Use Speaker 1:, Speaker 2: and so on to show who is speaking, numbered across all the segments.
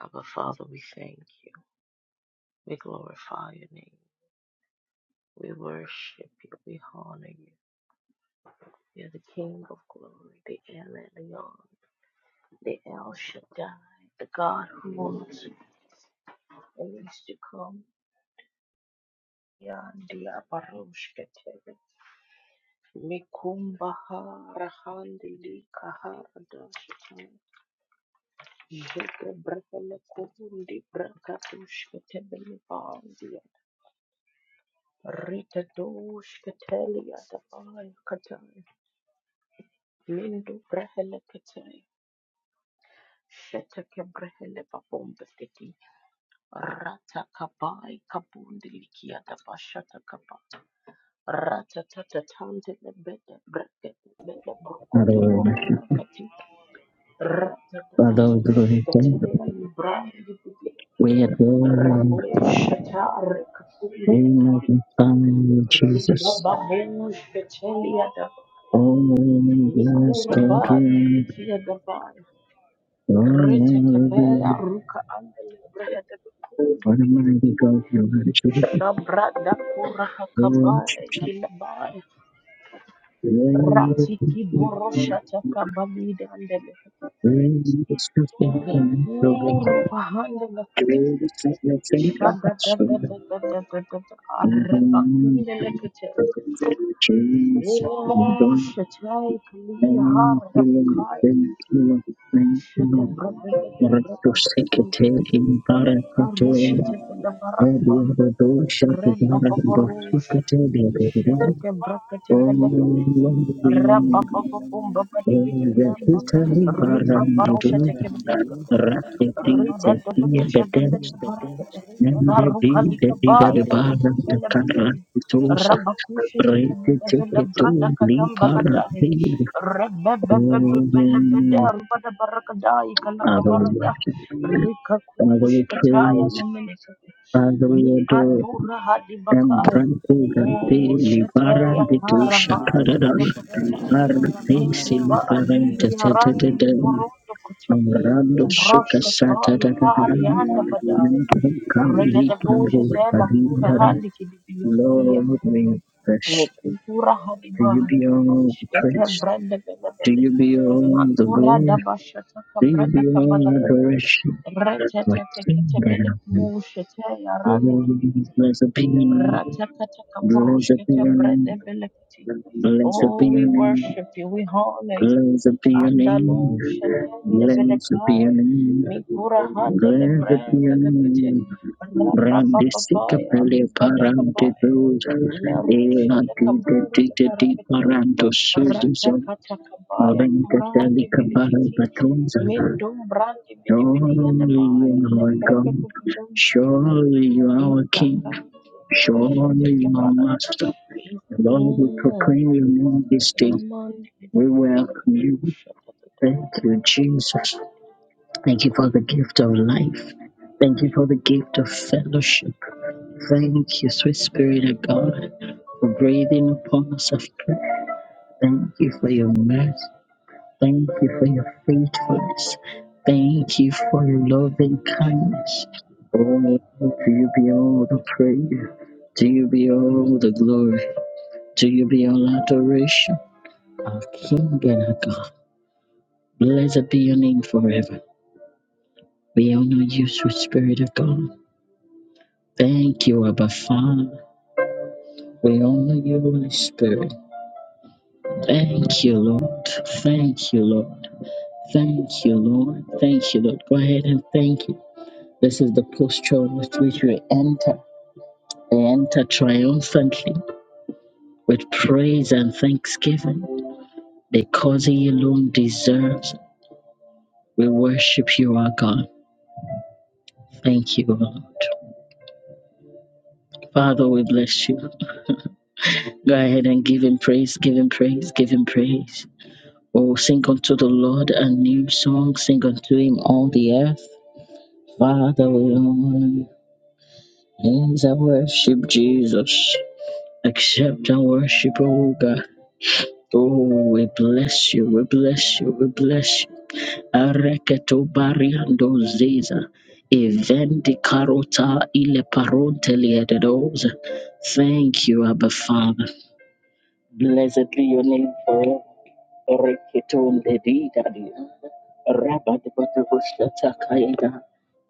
Speaker 1: Abba Father, we thank you. We glorify your name. We worship you. We honor you. You're the King of glory, the El Elyon, the El Shaddai, the God who was and is to come. Yandi Abaroshkete, Mikumba Harahandi Likaharada Shatai, Jete Brahele Kuhundi Brakatushkete Belibandia, Rita Dushketeli Atabai Katai. Mendo brehele ketele, sheteke brehele babombe fiti, rata kabai kabundi likia da bashata kaba, rata tata tande le bede brekete bede
Speaker 2: Father,
Speaker 1: brokoto
Speaker 2: we worship.
Speaker 1: kobarakati, rata tata
Speaker 2: Father,
Speaker 1: tu
Speaker 2: we glorify.
Speaker 1: shetele
Speaker 2: you.
Speaker 1: librandi bibi,
Speaker 2: We adore you.
Speaker 1: rabo sheta rekakundi
Speaker 2: We
Speaker 1: bibi,
Speaker 2: magnify you,
Speaker 1: riba
Speaker 2: Jesus.
Speaker 1: babu shetele yada,
Speaker 2: Oh, bless
Speaker 1: nikura
Speaker 2: God, we
Speaker 1: bandi
Speaker 2: honor. you.
Speaker 1: likia da
Speaker 2: Oh,
Speaker 1: Retetebeya
Speaker 2: hallelujah.
Speaker 1: ruka andele brehede bekundi
Speaker 2: What a
Speaker 1: bidi bidi.
Speaker 2: mighty God you are, Jesus.
Speaker 1: Shabra dakura
Speaker 2: We
Speaker 1: hakabae
Speaker 2: worship
Speaker 1: kilabae. Rati kiboro
Speaker 2: you.
Speaker 1: shata kabalide andele.
Speaker 2: We discuss the financial gain.
Speaker 1: Bekuru bahandele kete.
Speaker 2: We discuss the faith of
Speaker 1: Shada da
Speaker 2: us.
Speaker 1: da da da da da da da.
Speaker 2: And
Speaker 1: Arreba
Speaker 2: we
Speaker 1: kundele kete.
Speaker 2: Jesus, we adore
Speaker 1: Nilimo
Speaker 2: you.
Speaker 1: shetai kili
Speaker 2: Thank
Speaker 1: harda
Speaker 2: you, Lord.
Speaker 1: bekaya.
Speaker 2: Thank you, Lord. Thank you,
Speaker 1: Shete
Speaker 2: Lord.
Speaker 1: brebe de
Speaker 2: Ratu
Speaker 1: breka kuturu
Speaker 2: sekete
Speaker 1: kutu.
Speaker 2: imbara
Speaker 1: Karu
Speaker 2: katoa.
Speaker 1: shete bele barada
Speaker 2: Edi
Speaker 1: ba.
Speaker 2: abado shati bara do
Speaker 1: Rebababarus,
Speaker 2: sekete bebeba.
Speaker 1: Shetake Brakate
Speaker 2: Oh,
Speaker 1: Belekate,
Speaker 3: Thank
Speaker 2: Lord, we honor you.
Speaker 1: Rabababum Bakati
Speaker 2: Oh,
Speaker 1: Biti
Speaker 2: the
Speaker 1: Biti,
Speaker 2: kutari bara
Speaker 1: Ribabarusha
Speaker 2: ndiru.
Speaker 1: Take Belekate,
Speaker 2: Rakete sekiye
Speaker 1: Ribatusha de
Speaker 2: betes.
Speaker 1: Belekate,
Speaker 2: Nende bi de
Speaker 1: Karukalika
Speaker 2: biga
Speaker 1: Bai
Speaker 2: de
Speaker 1: to the
Speaker 2: bara de kara
Speaker 1: Mumbelebede,
Speaker 2: kitosa.
Speaker 1: Rabakusha Take
Speaker 2: Rete
Speaker 1: Belebele
Speaker 2: teke to
Speaker 1: Brada
Speaker 2: li para
Speaker 1: Katambalada,
Speaker 2: de.
Speaker 1: Rebebebebelebede,
Speaker 2: Oh,
Speaker 1: Rubada Barakadai
Speaker 2: Father, we
Speaker 1: Kalakabarada,
Speaker 2: worship. you. Father,
Speaker 1: Rikakush
Speaker 2: we
Speaker 1: Kataya
Speaker 2: praise.
Speaker 1: Nemelekate.
Speaker 2: Father, we
Speaker 1: Ni
Speaker 2: adore.
Speaker 1: andura hadi bakaya.
Speaker 2: Embrato Rade
Speaker 1: Oh,
Speaker 2: Libara
Speaker 1: shataya
Speaker 2: de Tu
Speaker 1: tara baali
Speaker 2: Shakarada
Speaker 3: you.
Speaker 1: adapakataya. Ni
Speaker 2: Artesi
Speaker 1: kuba
Speaker 2: Liberente
Speaker 1: adi ya randi ni
Speaker 2: Tetete
Speaker 1: borondo kucho. Ni
Speaker 2: Amrando
Speaker 1: brush
Speaker 2: Suka
Speaker 1: kato
Speaker 2: Sata
Speaker 1: kari
Speaker 2: da da
Speaker 1: anda badaya.
Speaker 2: da.
Speaker 1: Rega da
Speaker 2: Kali
Speaker 1: bosha
Speaker 2: Kando
Speaker 1: tela kura
Speaker 2: Kadindara
Speaker 1: handi kidibili kidia.
Speaker 2: Lord, we
Speaker 1: Ni
Speaker 2: bless.
Speaker 1: kukura hadi
Speaker 2: To you
Speaker 1: bahaya.
Speaker 2: be all the
Speaker 1: Shkete
Speaker 2: praise.
Speaker 1: brenda bela
Speaker 2: To you
Speaker 1: bela.
Speaker 2: be all the
Speaker 1: Makura da
Speaker 2: glory.
Speaker 1: basha taka
Speaker 2: To you
Speaker 1: brenda
Speaker 2: be
Speaker 1: kabala
Speaker 2: all
Speaker 1: bela.
Speaker 2: adoration.
Speaker 1: Rete
Speaker 2: What
Speaker 1: tete
Speaker 2: king
Speaker 1: kete bele
Speaker 2: that
Speaker 1: kusha tela randi kidibili.
Speaker 2: Blessed be your name. Blessed be your name.
Speaker 1: Ratakatakabrushketebredebeleketi.
Speaker 2: Blessed
Speaker 1: Oh,
Speaker 2: be your
Speaker 1: we
Speaker 2: name.
Speaker 1: worship you, we honor you.
Speaker 2: Blessed be your
Speaker 1: Andalu
Speaker 2: name.
Speaker 1: shalende
Speaker 2: Blessed be your
Speaker 1: velekai,
Speaker 2: name.
Speaker 1: mikura hande
Speaker 2: Blessed be
Speaker 1: lebrende
Speaker 2: your
Speaker 1: lekete.
Speaker 2: name. Brandisika
Speaker 1: Rababababaya,
Speaker 2: pele parante
Speaker 1: rubadakabaya,
Speaker 2: doza.
Speaker 1: ilarusha
Speaker 2: Ela tite
Speaker 1: lekabundu
Speaker 2: tite ti
Speaker 1: leberekete.
Speaker 2: paranto suzuzo.
Speaker 1: Ratakatakabaya,
Speaker 2: Vente
Speaker 1: kurandi
Speaker 2: telica
Speaker 1: bilikiti.
Speaker 2: barabatonza.
Speaker 1: Mindum brandi
Speaker 2: Surely
Speaker 1: bidibidiyadabaya,
Speaker 2: you are our God.
Speaker 1: lebrebebebebebelekete.
Speaker 2: Surely you are our King.
Speaker 1: Mikakakuru
Speaker 2: Show only our
Speaker 1: debeshetekebalata.
Speaker 2: Master, Lord, we
Speaker 1: Amen.
Speaker 2: proclaim your name this day.
Speaker 1: Namandidi
Speaker 2: We welcome you.
Speaker 1: kushata kutu
Speaker 2: Thank
Speaker 1: kutu
Speaker 2: you, Jesus.
Speaker 1: kutu
Speaker 2: Thank you
Speaker 1: kutu.
Speaker 2: for the gift of life. Thank you for the gift of fellowship. Thank you, sweet Spirit of God, for breathing upon us afresh. Thank you for your mercy. Thank you for your faithfulness. Thank you for your loving kindness. Oh, to you be all the praise. To you be all the glory. To you be all adoration, our King and our God. Blessed be your name forever. We honor you, sweet Spirit of God. Thank you, Abba Father. We honor you, Holy Spirit. Thank you, Lord. Thank you, Lord. Thank you, Lord. Thank you, Lord. Go ahead and thank you. This is the posture with which we enter. They enter triumphantly with praise and thanksgiving because He alone deserves. We worship you, our God. Thank you, Lord. Father, we bless you. Go ahead and give him praise, give him praise, give him praise. Oh, sing unto the Lord a new song, sing unto him all the earth. Father, we honor you. Hands I worship Jesus. Accept our worship, oh God. Oh, we bless you, we bless you, we bless you. Areketo bariando zeza. Eventi karota ile paronte liededoza. Thank you, Abba Father. Blessed be your name forever. Rekitum de didadia. Rabat batavushata kaida.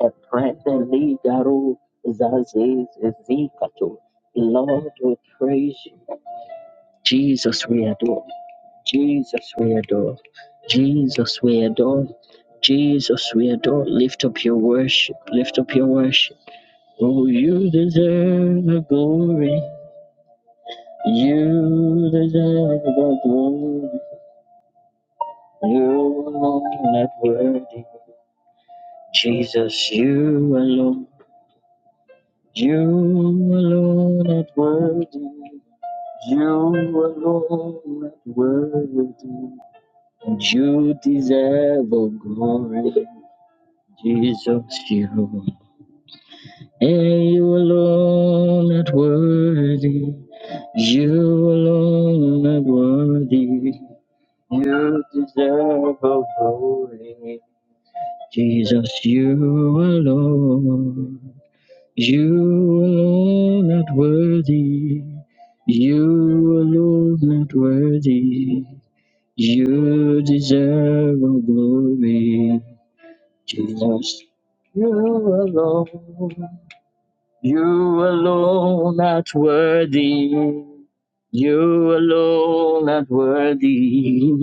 Speaker 2: Eprete lidaru zaziz zikatu. Lord, we praise you. Jesus, we adore. Jesus, we adore. Jesus, we adore. Jesus, we adore. Lift up your worship. Lift up your worship. Oh, you deserve the glory. You deserve the glory. You alone not worthy. Jesus, you alone. You alone not worthy. You alone not worthy. And you deserve all glory. Jesus, you. And you alone not worthy. You alone not worthy. You deserve all glory. Jesus, you alone, you alone not worthy, you alone not worthy, you deserve all glory, Jesus, you alone, you alone are worthy. You alone are worthy.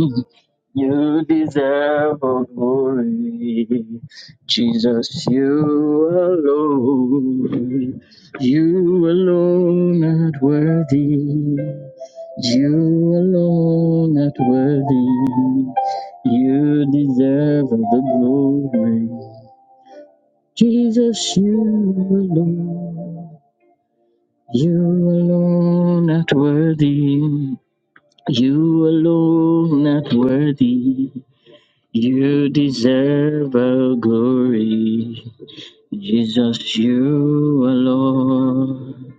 Speaker 2: You deserve all glory. Jesus, you alone. You alone are worthy. You alone are worthy. You deserve all the glory. Jesus, you alone. You alone not worthy. You alone not worthy. You deserve our glory. Jesus, you alone.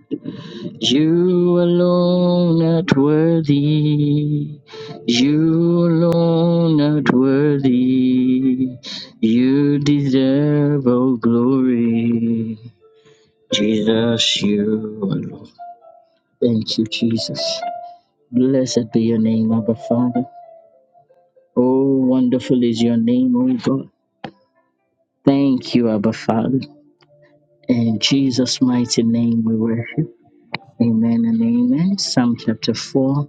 Speaker 2: You alone not worthy. You alone not worthy. You deserve our glory. Jesus, you alone. Thank you, Jesus. Blessed be your name, Abba Father. Oh, wonderful is your name, O God. Thank you, Abba Father. In Jesus' mighty name we worship. Amen and amen. Psalm chapter 4.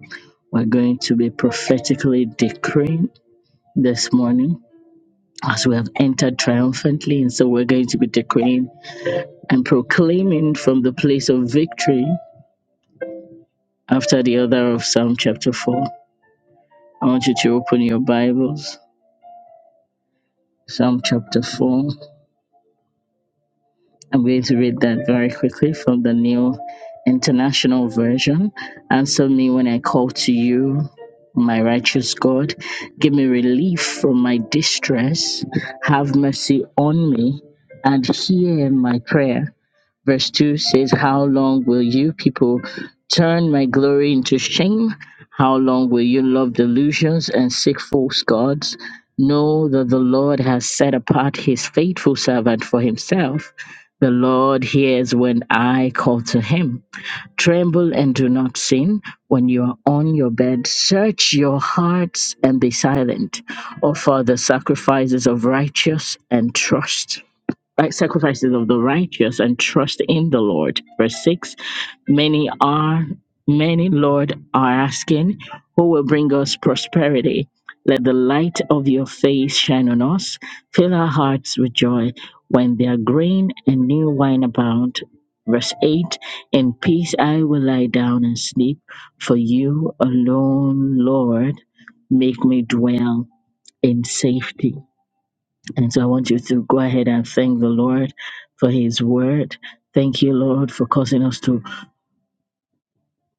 Speaker 2: We're going to be prophetically decreeing this morning as we have entered triumphantly. And so we're going to be decreeing and proclaiming from the place of victory after the other of Psalm chapter 4. I want you to open your Bibles. Psalm chapter 4. I'm going to read that very quickly from the New International Version. Answer me when I call to you, my righteous God. Give me relief from my distress. Have mercy on me and hear my prayer. Verse 2 says, How long will you people turn my glory into shame? How long will you love delusions and seek false gods? Know that the Lord has set apart his faithful servant for himself. The Lord hears when I call to him. Tremble and do not sin. When you are on your bed, search your hearts and be silent. Offer the sacrifices of righteous and trust like sacrifices of the righteous and trust in the Lord. Verse 6 Many are, many, Lord, are asking, Who will bring us prosperity? Let the light of your face shine on us. Fill our hearts with joy when their grain and new wine abound. Verse 8 In peace I will lie down and sleep, for you alone, Lord, make me dwell in safety. And so I want you to go ahead and thank the Lord for His word. Thank you, Lord, for causing us to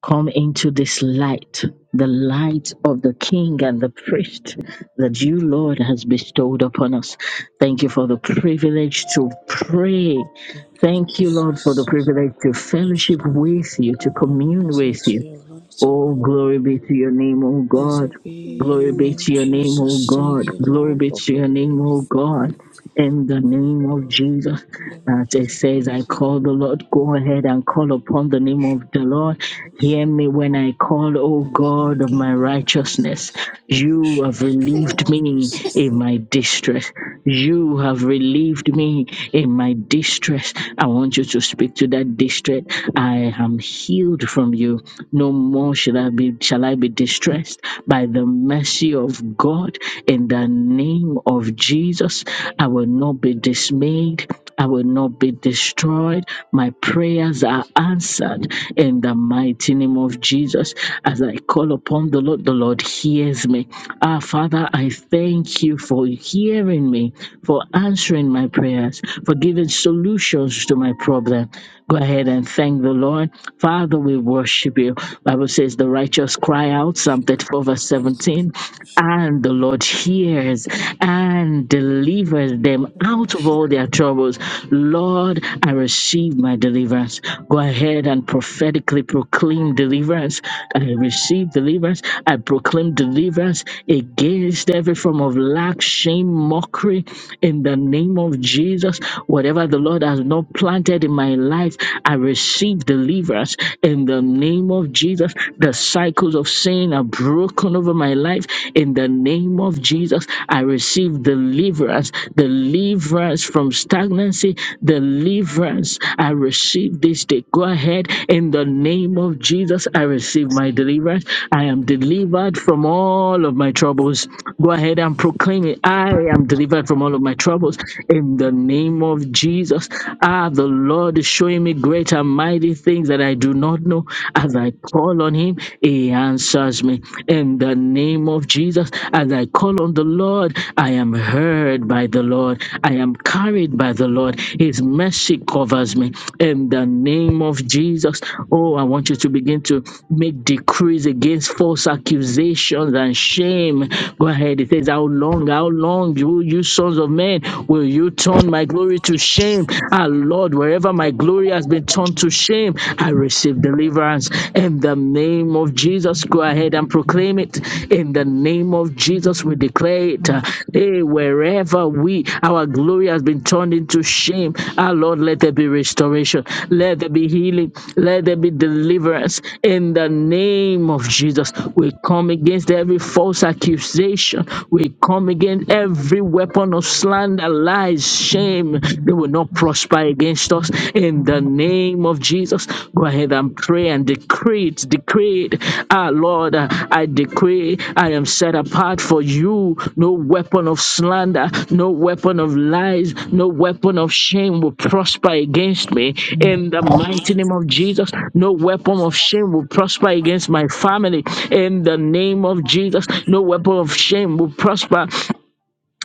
Speaker 2: come into this light, the light of the King and the priest that you, Lord, has bestowed upon us. Thank you for the privilege to pray.
Speaker 4: Thank you,
Speaker 2: Thank you, Lord, for the
Speaker 4: Jesus.
Speaker 2: privilege to
Speaker 4: Thank
Speaker 2: fellowship
Speaker 4: you
Speaker 2: with you, to
Speaker 4: for bringing
Speaker 2: commune
Speaker 4: us
Speaker 2: with
Speaker 4: into
Speaker 2: you.
Speaker 4: your light,
Speaker 2: Oh,
Speaker 4: Lord.
Speaker 2: glory be to your name, oh God.
Speaker 4: Blessed be your
Speaker 2: Glory be
Speaker 4: name,
Speaker 2: to your name, O
Speaker 4: Jesus. Thank
Speaker 2: God.
Speaker 4: you,
Speaker 2: Glory
Speaker 4: Lord,
Speaker 2: be
Speaker 4: for
Speaker 2: to your
Speaker 4: bringing
Speaker 2: name, O
Speaker 4: us into your
Speaker 2: God
Speaker 4: light.
Speaker 2: in the
Speaker 4: Thank
Speaker 2: name
Speaker 4: you,
Speaker 2: of
Speaker 4: Lord, for
Speaker 2: Jesus.
Speaker 4: bringing
Speaker 2: As
Speaker 4: us
Speaker 2: it
Speaker 4: to
Speaker 2: says, I
Speaker 4: praise you.
Speaker 2: call the Lord,
Speaker 4: And
Speaker 2: go ahead and call upon the name of the Lord. Hear
Speaker 4: also
Speaker 2: me when I call, O God
Speaker 4: thank
Speaker 2: of
Speaker 4: you
Speaker 2: my
Speaker 4: that the best
Speaker 2: righteousness.
Speaker 4: is
Speaker 2: You have relieved
Speaker 4: Lord, we
Speaker 2: me
Speaker 4: say
Speaker 2: in
Speaker 4: thank
Speaker 2: my distress. You have relieved me in my distress. I want you to speak to that distress. I am healed from you. No more shall I be shall I be distressed by the mercy of God in the the name of Jesus. I will not be dismayed. I will not be destroyed. My prayers are answered in the mighty name of Jesus. As I call upon the Lord, the Lord hears me. Ah, Father, I thank you for hearing me, for answering my prayers, for giving solutions to my problem. Go ahead and thank the Lord. Father, we worship you. Bible says the righteous cry out, Psalm 34 verse
Speaker 4: you.
Speaker 2: 17,
Speaker 4: Worship you,
Speaker 2: and the
Speaker 4: Lord.
Speaker 2: Lord hears
Speaker 4: Worship
Speaker 2: and delivers them
Speaker 4: you.
Speaker 2: out of all their troubles. Lord, I receive my deliverance. Go ahead and prophetically proclaim deliverance. I receive deliverance. I proclaim deliverance against every form of lack, shame, mockery in the name of Jesus. Whatever the Lord has not planted in my life, I receive deliverance in the name of Jesus. The cycles of sin are broken over my life in the name of Jesus. I receive deliverance, deliverance from stagnancy, deliverance. I receive this day. Go ahead in the name of Jesus. I receive my deliverance. I am delivered from all of my troubles. Go ahead and proclaim it. I am delivered from all of my troubles in the name of of Jesus. Ah, the Lord is showing me great and mighty things that I do not know. As I call on Him, He answers me. In the name of Jesus, as I call on the Lord, I am heard by the Lord. I am carried by the Lord. His mercy covers me. In the name of Jesus, oh, I want you to begin to make decrees against false accusations and shame. Go ahead. It says, How long, how long, you, you sons of men, will you turn my glory to shame. Ah, Lord, wherever my glory has been turned to shame, I receive deliverance. In the name of Jesus, go ahead and proclaim it. In the name of Jesus, we declare it. Ah, Hey, wherever we, our glory has been turned into shame, ah, Lord, let there be restoration. Let there be healing. Let there be deliverance. In the name of Jesus, we come against every false accusation. We come against every weapon upon us slander, lies, shame. They will not prosper against us in the name of Jesus. Go ahead and pray and decree it, decree it. Ah, Lord, uh, I decree I am set apart for you. No weapon of slander, no weapon of lies, no weapon of shame will prosper against me in the mighty name of Jesus. No weapon of shame will prosper against my family in the name of Jesus. No weapon of shame will prosper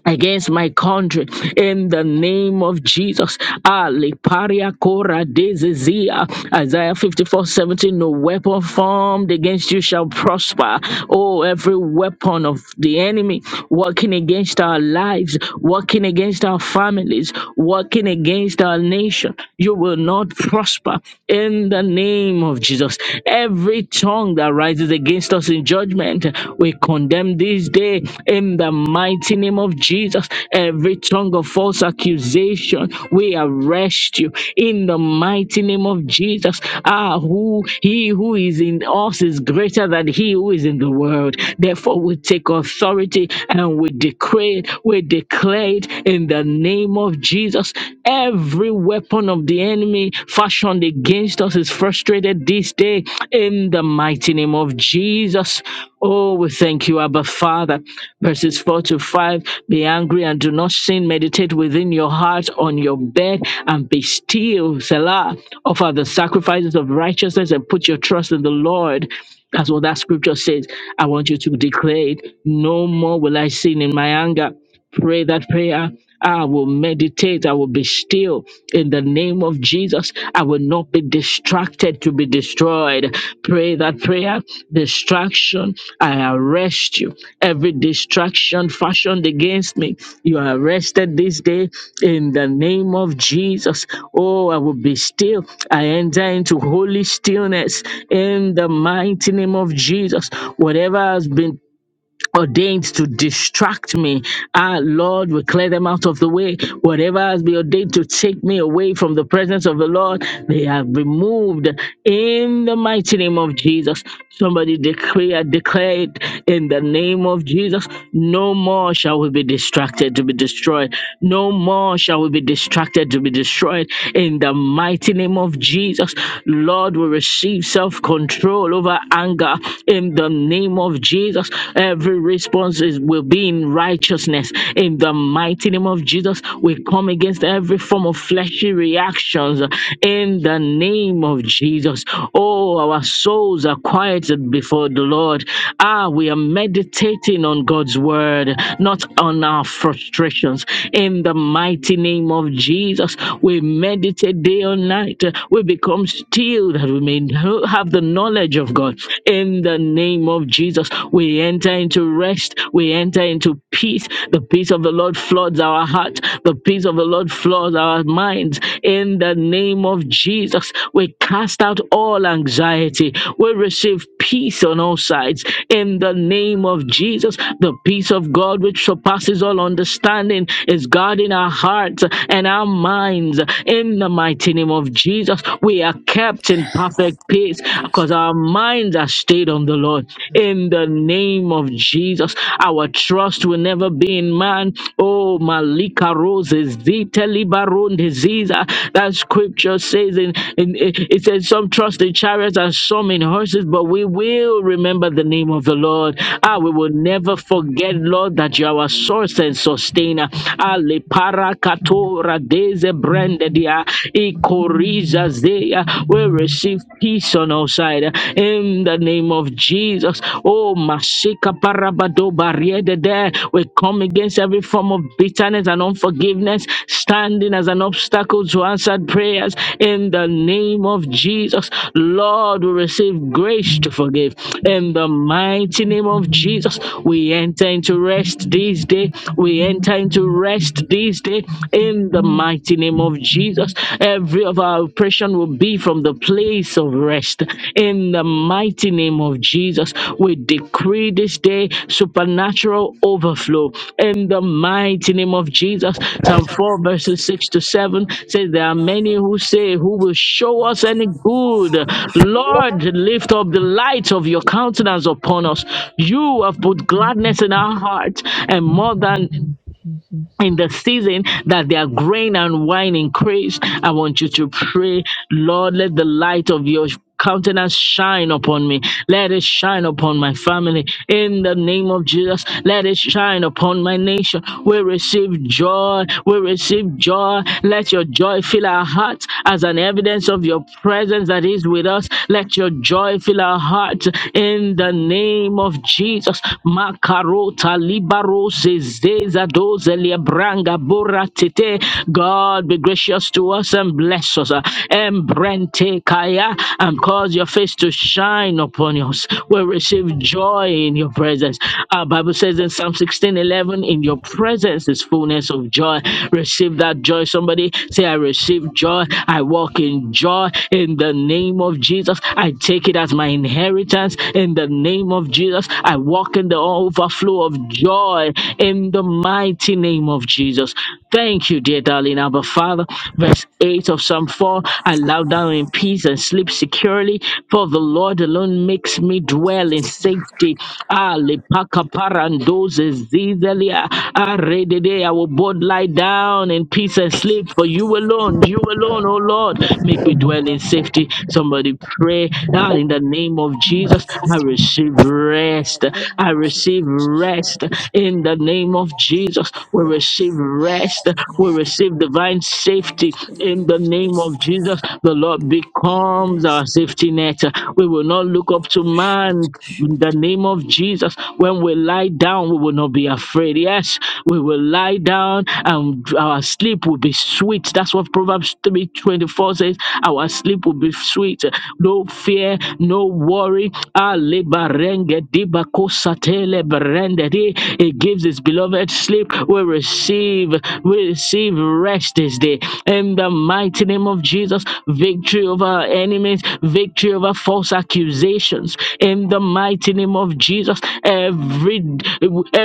Speaker 2: against my country in the name of Jesus. Ali paria cora dezezia. Isaiah 54:17. No weapon formed against you shall prosper. Oh, every weapon of the enemy working against our lives, working against our families, working against our nation, you will not prosper in the name of Jesus. Every tongue that rises against us us in judgment. We condemn this day in the mighty name of Jesus. Every tongue of false accusation, we arrest you in the mighty name of Jesus. Ah, who he who is in us is greater than he who is in the world. Therefore, we take authority and we decree it, we declare it in the name of Jesus. Every weapon of the enemy fashioned turned against us is frustrated this day in the mighty name of Jesus. Oh, we thank you, Abba Father. Verses 4 to 5 Be angry and do not sin. Meditate within your heart on your bed and be still. Selah. Offer the sacrifices of righteousness and put your trust in the Lord. That's what that scripture says. I want you to declare it. No more will I sin in my anger pray that prayer. I will meditate. I will be still in the name of Jesus. I will not be distracted to be destroyed. Pray that prayer. Distraction, I arrest you. Every distraction fashioned against me, you are arrested this day in the name of Jesus. Oh, I will be still. I enter into holy stillness in the mighty name of Jesus. Whatever has been ordained to distract me. Ah, Lord, we clear them out of the way. Whatever has been ordained to take me away from the presence of the Lord, they are removed in the mighty name of Jesus. Somebody declare, declare it in the name of Jesus. No more shall we be distracted to be destroyed. No more shall we be distracted to be destroyed in the mighty name of Jesus. Lord, we receive self control over anger in in the name of Jesus. Every response is, will be in righteousness. In the mighty name of Jesus, we come against every form of fleshy reactions in the name of Jesus. Oh, our souls are quieted before the Lord. Ah, we are meditating on God's word, not on our frustrations. In the mighty name of Jesus, we meditate day and night. We become still that we may know- have the the knowledge of God. In the name of Jesus, we enter into rest. We enter into peace. The peace of the Lord floods our heart. The peace of the Lord floods our minds. In the name of Jesus, we cast out all anxiety. We receive peace on all sides. In the name of Jesus, the peace of God, which surpasses all understanding, is guarding our hearts and our minds. In the mighty name of Jesus, we we are kept in perfect peace because our minds are stayed on the Lord. In the name of Jesus, our trust will never be in man. Oh, Malika Roses, Zita Libaron Diseaser. That scripture says in, in it says some trust in chariots and some in horses, but we will remember the name of the Lord. Ah, we will never forget, Lord, that you are our source and sustainer. Ah, Lepara Katora Deze Brenda Zaya, Ikoriza Zaya. We receive peace on all sides in the name of Jesus. Oh, Masika Parabado Barriere. there. We come against every form of bitterness and unforgiveness, standing as an obstacle to answered prayers in the name of Jesus. Lord, we receive grace to forgive in the mighty name of Jesus. We enter into rest this day. We enter into rest this day in the mighty name of Jesus. Every of our oppression will be from the place of rest in the mighty name of Jesus. We decree this day supernatural overflow in the mighty name of Jesus. Psalm 4 verses 6 to 7 says, There are many who say, Who will show us any good? Lord, lift up the light of your countenance upon us. You have put gladness in our heart and more than in the season that their grain and wine increase. I want you to pray, Lord, let the light of your countenance shine upon me. Let it shine upon my family. In the name of Jesus, let it shine upon my nation. We receive joy. We receive joy. Let your joy fill our hearts as an evidence of your presence that is with us. Let your joy fill our hearts in the name of Jesus. Makarota Barose Zeza Doze Liabranga Bora Tete. God be gracious to us and bless us. Embrente Kaya and cause your face to shine upon us. We receive joy in your presence. Our Bible says in Psalm 16 11, in your presence is fullness of joy. Receive that joy. Somebody say, I receive joy. I walk in joy in the name of Jesus. I take it as my inheritance in the name of Jesus. I walk walk in the overflow of joy in the mighty name of Jesus. Thank you, dear darling Abba Father. Verse 8 of Psalm 4 I lie down in peace and sleep securely, for the Lord alone makes me dwell in safety. Ah, lepaka parandoze zizelia. Ah, redede. I will both lie down in peace and sleep, for you alone, you alone, oh Lord, make me dwell in safety. Somebody pray ah, in the name of Jesus. Jesus. I receive rest. I
Speaker 4: Jesus.
Speaker 2: receive rest
Speaker 4: Praise
Speaker 2: in the name of Jesus. We
Speaker 4: you.
Speaker 2: receive rest. We receive divine safety
Speaker 4: Praise
Speaker 2: in
Speaker 4: you.
Speaker 2: the
Speaker 4: Praise
Speaker 2: name of
Speaker 4: you.
Speaker 2: Jesus. The Lord
Speaker 4: The
Speaker 2: becomes our
Speaker 4: grace
Speaker 2: safety
Speaker 4: of our
Speaker 2: net. We will not look up to
Speaker 4: Lord
Speaker 2: man
Speaker 4: Jesus
Speaker 2: in the name of Jesus. When we lie down, we will not be afraid. Yes, we will lie down and our sleep will be sweet. That's what Proverbs 3:24 says. Our sleep will be sweet no fear, no worry. Ali barenge diba kosatele barende di. It gives his beloved sleep. We receive, we receive rest this day. In the mighty name of Jesus, victory over our enemies, victory over false accusations. In the mighty name of Jesus, every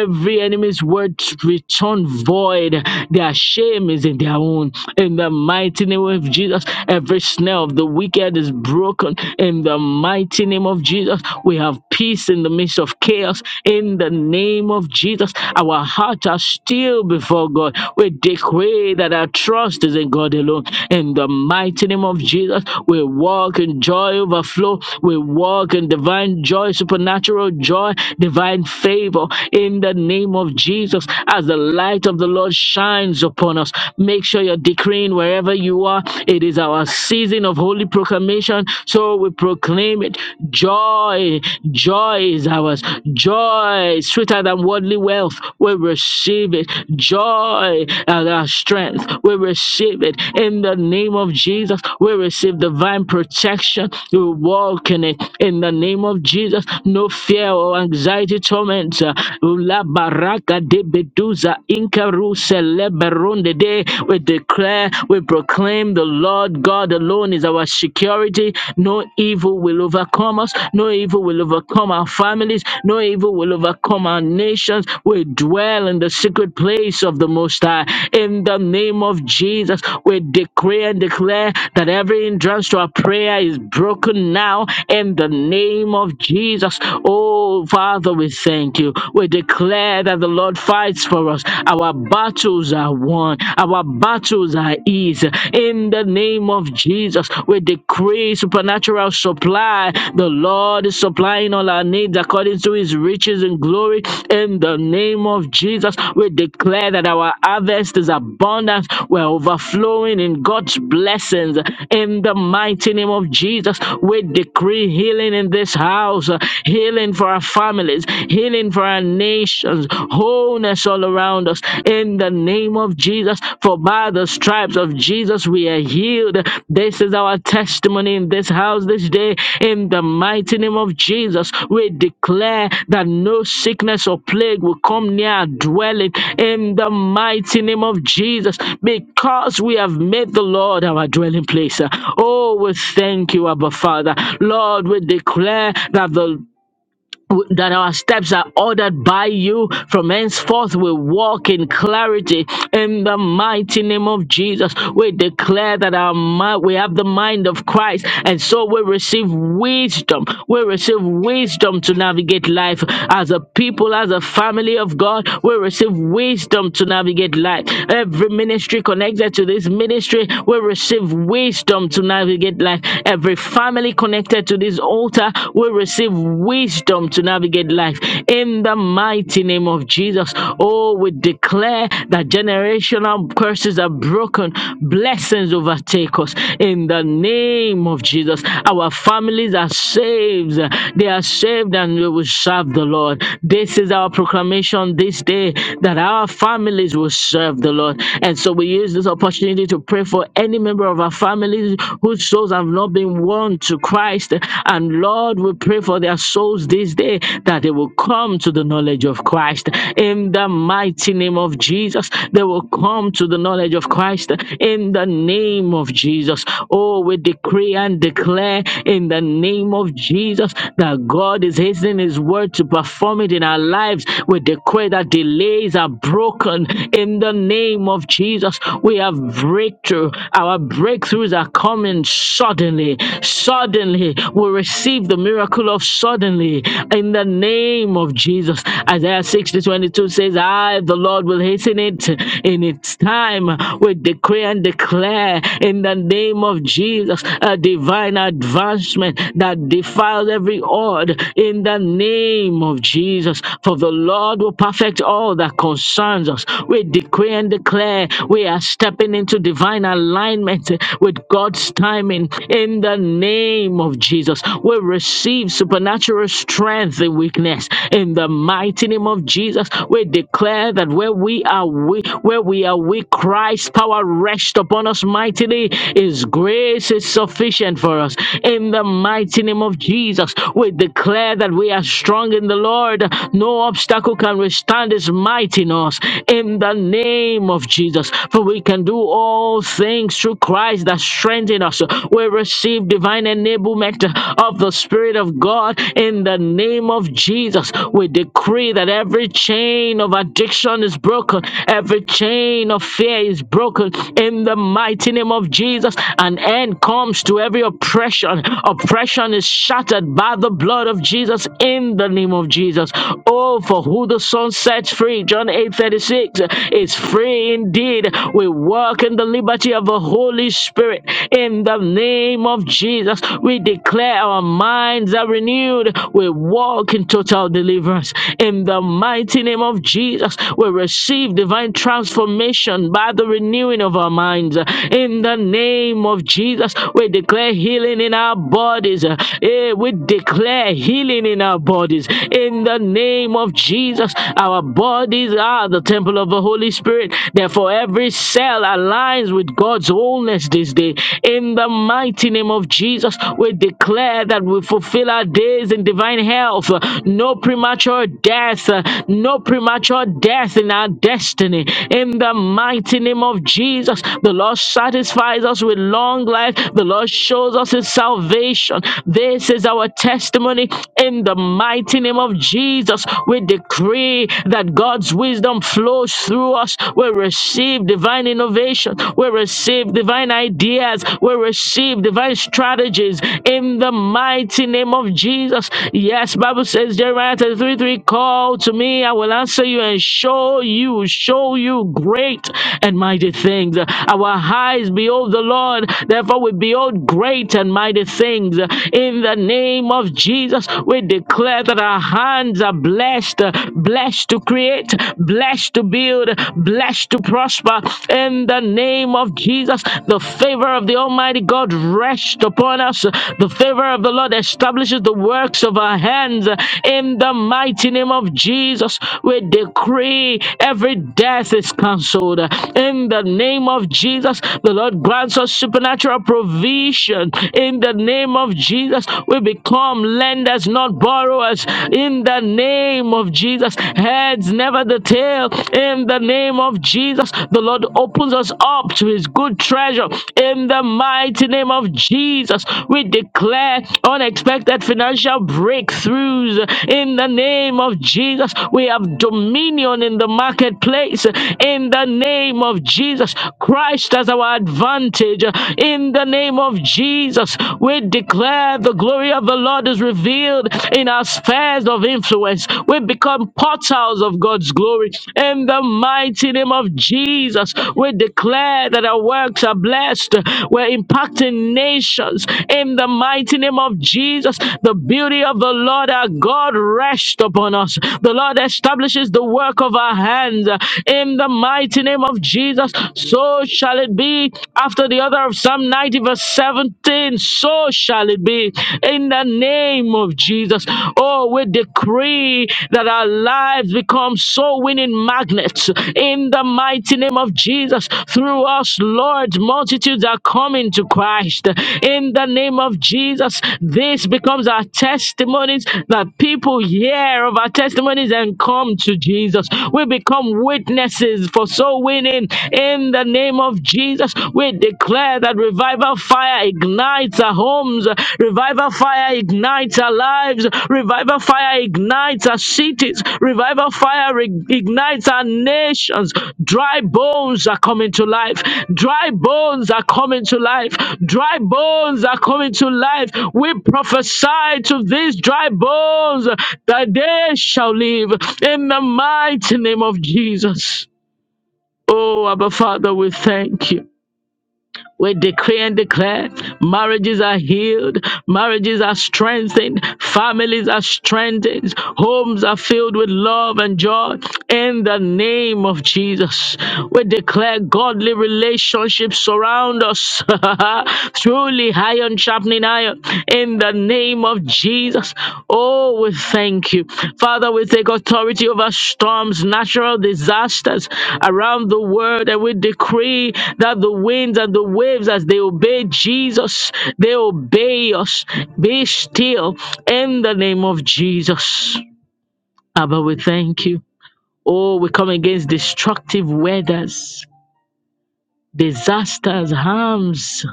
Speaker 2: every enemy's word return void. Their shame is in their own. In the mighty name of Jesus, every. Every snare of the wicked is broken in the mighty name of Jesus. We have peace in the midst of chaos in the name of Jesus. Our hearts are still before God. We decree that our trust is in God alone. In the mighty name of Jesus, we walk in joy overflow. We walk in divine joy, supernatural joy, divine favor. In the name of Jesus, as the light of the Lord shines upon us, make sure you're decreeing praying wherever you are. It is our season of holy proclamation. So we proclaim it. Joy, joy is ours. Joy, sweeter than worldly wealth. We receive it. Joy as our strength. We receive it. In the name of Jesus, we receive divine protection. We walk in it. In the name of Jesus, no fear or anxiety torment. Ula baraka de beduza inkaru sele Eleberundede. We declare, we proclaim the Lord God alone is our security. No evil will overcome us. No evil will overcome our families. No evil will overcome our nations. We dwell in the secret place of the Most High. In the name of Jesus, we decree and declare that every hindrance to our prayer is broken now. In the name of Jesus, oh Father, we thank you. We declare that the Lord fights for us. Our battles are won. Our battles are easy. In the name of Jesus, we decree supernatural supply. The Lord is supplying all our needs according to his riches and glory. In the name of Jesus, we declare that our harvest is abundant. We're overflowing in God's blessings. In the mighty name of Jesus, we decree healing in this house, healing for our families, healing healing for our nations, wholeness all around us in the name of Jesus. For by the stripes of Jesus we are healed. This is our testimony in this house this day. In the mighty name of Jesus, we declare that no sickness or plague will come near our dwelling in the mighty name of Jesus because we have made the Lord our dwelling place. Oh, we thank you, Abba Father. Lord, we declare that the that our steps are ordered by you. From henceforth, we walk in clarity in the mighty name of Jesus. We declare that our mind, we have the mind of Christ, and so we receive wisdom. We receive wisdom to navigate life as a people, as a family of God. We receive wisdom to navigate life. Every ministry connected to this ministry, we receive wisdom to navigate life. Every family connected to this altar, we receive wisdom to navigate life in the mighty name of Jesus. Oh, we declare that generational curses are broken, blessings overtake us in the name of Jesus. Our families are saved, they are saved, and we will serve the Lord. This is our proclamation this day that our families will serve the Lord, and so we use this opportunity to pray for any member of our families whose souls have not been won come to Christ. And Lord, we pray for their souls this day that they will come to the knowledge of Christ. In the mighty name of Jesus, they will come to the knowledge of Christ. In the name of Jesus. Oh, we decree and declare in the name of Jesus that God is hastening His word to perform it in our lives. We decree that delays are broken in the name of Jesus. We have breakthrough. Our breakthroughs are coming coming suddenly. Suddenly, we receive the miracle of suddenly in the name of Jesus. Isaiah 60 twenty-two says, I, the Lord, will hasten it in its time. We decree and declare in the name of Jesus a divine advancement that defiles every odd in the name of Jesus. For the Lord will perfect all that concerns us. We decree and declare we are stepping into divine divine alignment with God's timing in the name of Jesus. We receive supernatural strength in weakness in the mighty name of Jesus. We declare that where we are weak, where we are weak, Christ's power rests upon us mightily. His grace is sufficient for us in the mighty name of Jesus. We declare that we are strong in the Lord. No obstacle can withstand his might in us in the name of Jesus. Jesus. For we can do all things through Christ that strengthens us. We receive divine enablement of the Spirit of God in the name of Jesus. We decree that every chain of addiction is broken, every chain of fear is broken in the mighty name of Jesus. An end comes to every oppression. Oppression is shattered by the blood of Jesus in the name of Jesus. Oh, for who the Son sets free, John 8:36 verse Six is free indeed. We walk in the liberty of the Holy Spirit. In the name of Jesus, we declare our minds are renewed. We walk in total deliverance. In the mighty name of Jesus, we receive divine transformation by the renewing of our minds. In the name of Jesus, we declare healing in our bodies. Eh, We declare healing in our bodies. In the name of Jesus, because our bodies are the temple of the Holy Spirit. Therefore, every cell aligns with God's wholeness this day. In the mighty name of Jesus, we declare that we fulfill our days in divine health. No premature death, no premature death in our destiny. In the mighty name of Jesus, the Lord satisfies us with long life. The Lord shows us his salvation. This is our testimony in the mighty name of of Jesus, we decree that God's wisdom flows through us. We receive divine innovation. We receive divine ideas. We receive divine strategies in the mighty name of Jesus. Yes, Bible says Jeremiah 33, 3, call to me, I will answer you and show you, show you great and mighty things. Our eyes behold the Lord, therefore we behold great and mighty things in the name of Jesus. Jesus, we declare that our hands are blessed, uh, blessed to create, blessed to build, blessed to prosper. In the name of Jesus, the favor of the Almighty God rest upon us. The favor of the Lord establishes the works of our hands. In the mighty name of Jesus, we decree every death is cancelled. In the name of Jesus, the Lord grants us supernatural provision. In the name of of Jesus, we become lenders, not borrowers. In the name of Jesus, heads, never the tail. In the name of Jesus, the Lord opens us up to his good treasure. In the mighty name of Jesus, we declare unexpected financial breakthroughs. In the name of Jesus, we have dominion in the marketplace. In the name of Jesus, Christ as our advantage. In the name of name of Jesus, we declare the glory of the Lord is revealed in our spheres of influence. We become portals of God's glory. In the mighty name of Jesus, we declare that our works are blessed. We're impacting nations. In the mighty name of Jesus, the beauty of the Lord our God rests upon us. The Lord establishes the work of our hands. In the mighty name of Jesus, so shall it be after the other of Psalm 90, verse 17. So shall it be in the name of Jesus. Oh, we decree that our lives become soul winning magnets in the mighty name of Jesus. Through us, Lord, multitudes are coming to Christ in the name of Jesus. This becomes our testimonies that people hear of our testimonies and come to Jesus. We become witnesses for soul winning in. In the name of Jesus, we declare that revival fire ignites our homes, revival fire ignites our lives, revival fire ignites our cities, revival fire re- ignites our nations. Dry bones are coming to life, dry bones are coming to life, dry bones are coming to life. We prophesy to these dry bones that they shall live in the mighty name of Jesus. Oh, Abba Father, we thank you. We decree and declare marriages are healed, marriages are strengthened, families are strengthened, homes are filled with love and joy in the name of Jesus. We declare godly relationships surround us. Truly, iron sharpening iron in the name of Jesus. Oh, we thank you. Father, we take authority over storms, natural disasters around the world, and we decree that the winds and the waves, as they obey Jesus, they obey us. Be still in the name of Jesus. Abba, we thank you. Oh, we come against destructive weathers disasters, harms.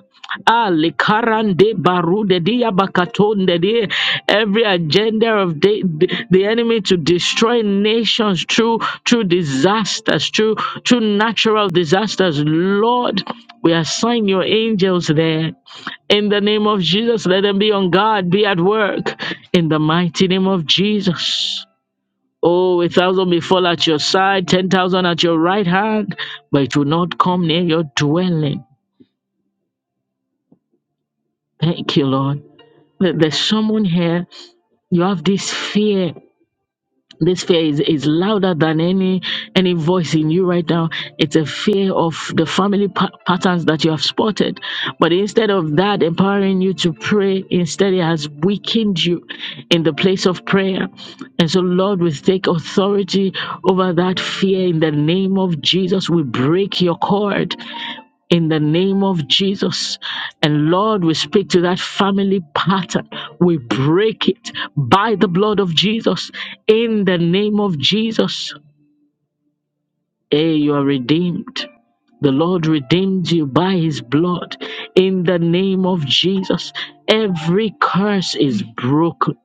Speaker 2: Ali Karande Barude Dia Bakatonde Dia. Every agenda of the, the, the enemy to destroy nations through through disasters, through through natural disasters. Lord, we assign your angels there. In the name of Jesus, let them be on guard, be at work. In the mighty name of Jesus. Oh, a thousand may fall at your side, ten thousand at your right hand, but it will not come near your dwelling. Thank you, Lord. There- There's someone here, you have this fear this fear is, is louder than any any voice in you right now it's a fear of the family pa- patterns that you have spotted but instead of that empowering you to pray instead it has weakened you in the place of prayer and so lord we take authority over that fear in the name of jesus we break your cord in the name of Jesus. And Lord, we speak to that family pattern. We break it by the blood of Jesus in the name of Jesus. Hey, you are redeemed. The Lord redeemed you by his blood. In the name of Jesus, every curse is broken.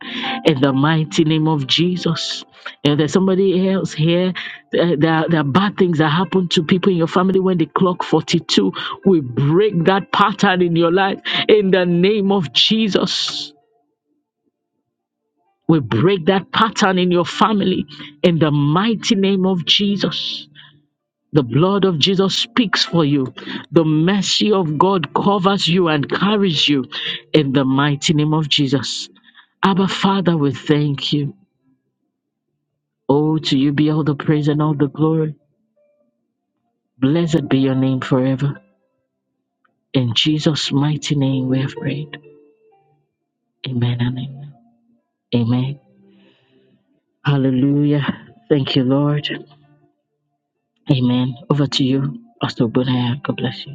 Speaker 2: In the mighty name of Jesus. If there's somebody else here, uh, there, are, there are bad things that happen to people in your family when they clock 42. We break that pattern in your life. In the name of Jesus. We break that pattern in your family in the mighty name of Jesus. The blood of Jesus speaks for you. The mercy of God covers you and carries you in the mighty name of Jesus. Abba, Father, we thank you. Oh, to you be all the praise and all the glory. Blessed be your name forever. In Jesus' mighty name we have prayed. Amen and amen. Amen. Hallelujah. Thank you, Lord. Amen. Over to you, Pastor Bunaya. God bless you.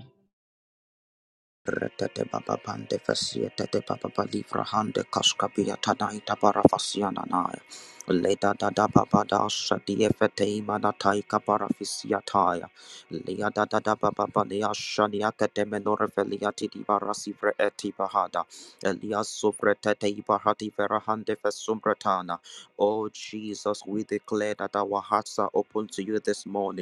Speaker 5: Retete baba bande fasia baba bali frahande kashkabia tanai tabara fasia nanai. Leda da da baba da shadi efete imana tai kabara fisia Lea da da da baba bali ashani akate menore felia barasi vre eti bahada. Elia sufre ibahati verahande fesumretana. Oh Jesus, we declare that our hearts are open to you this morning.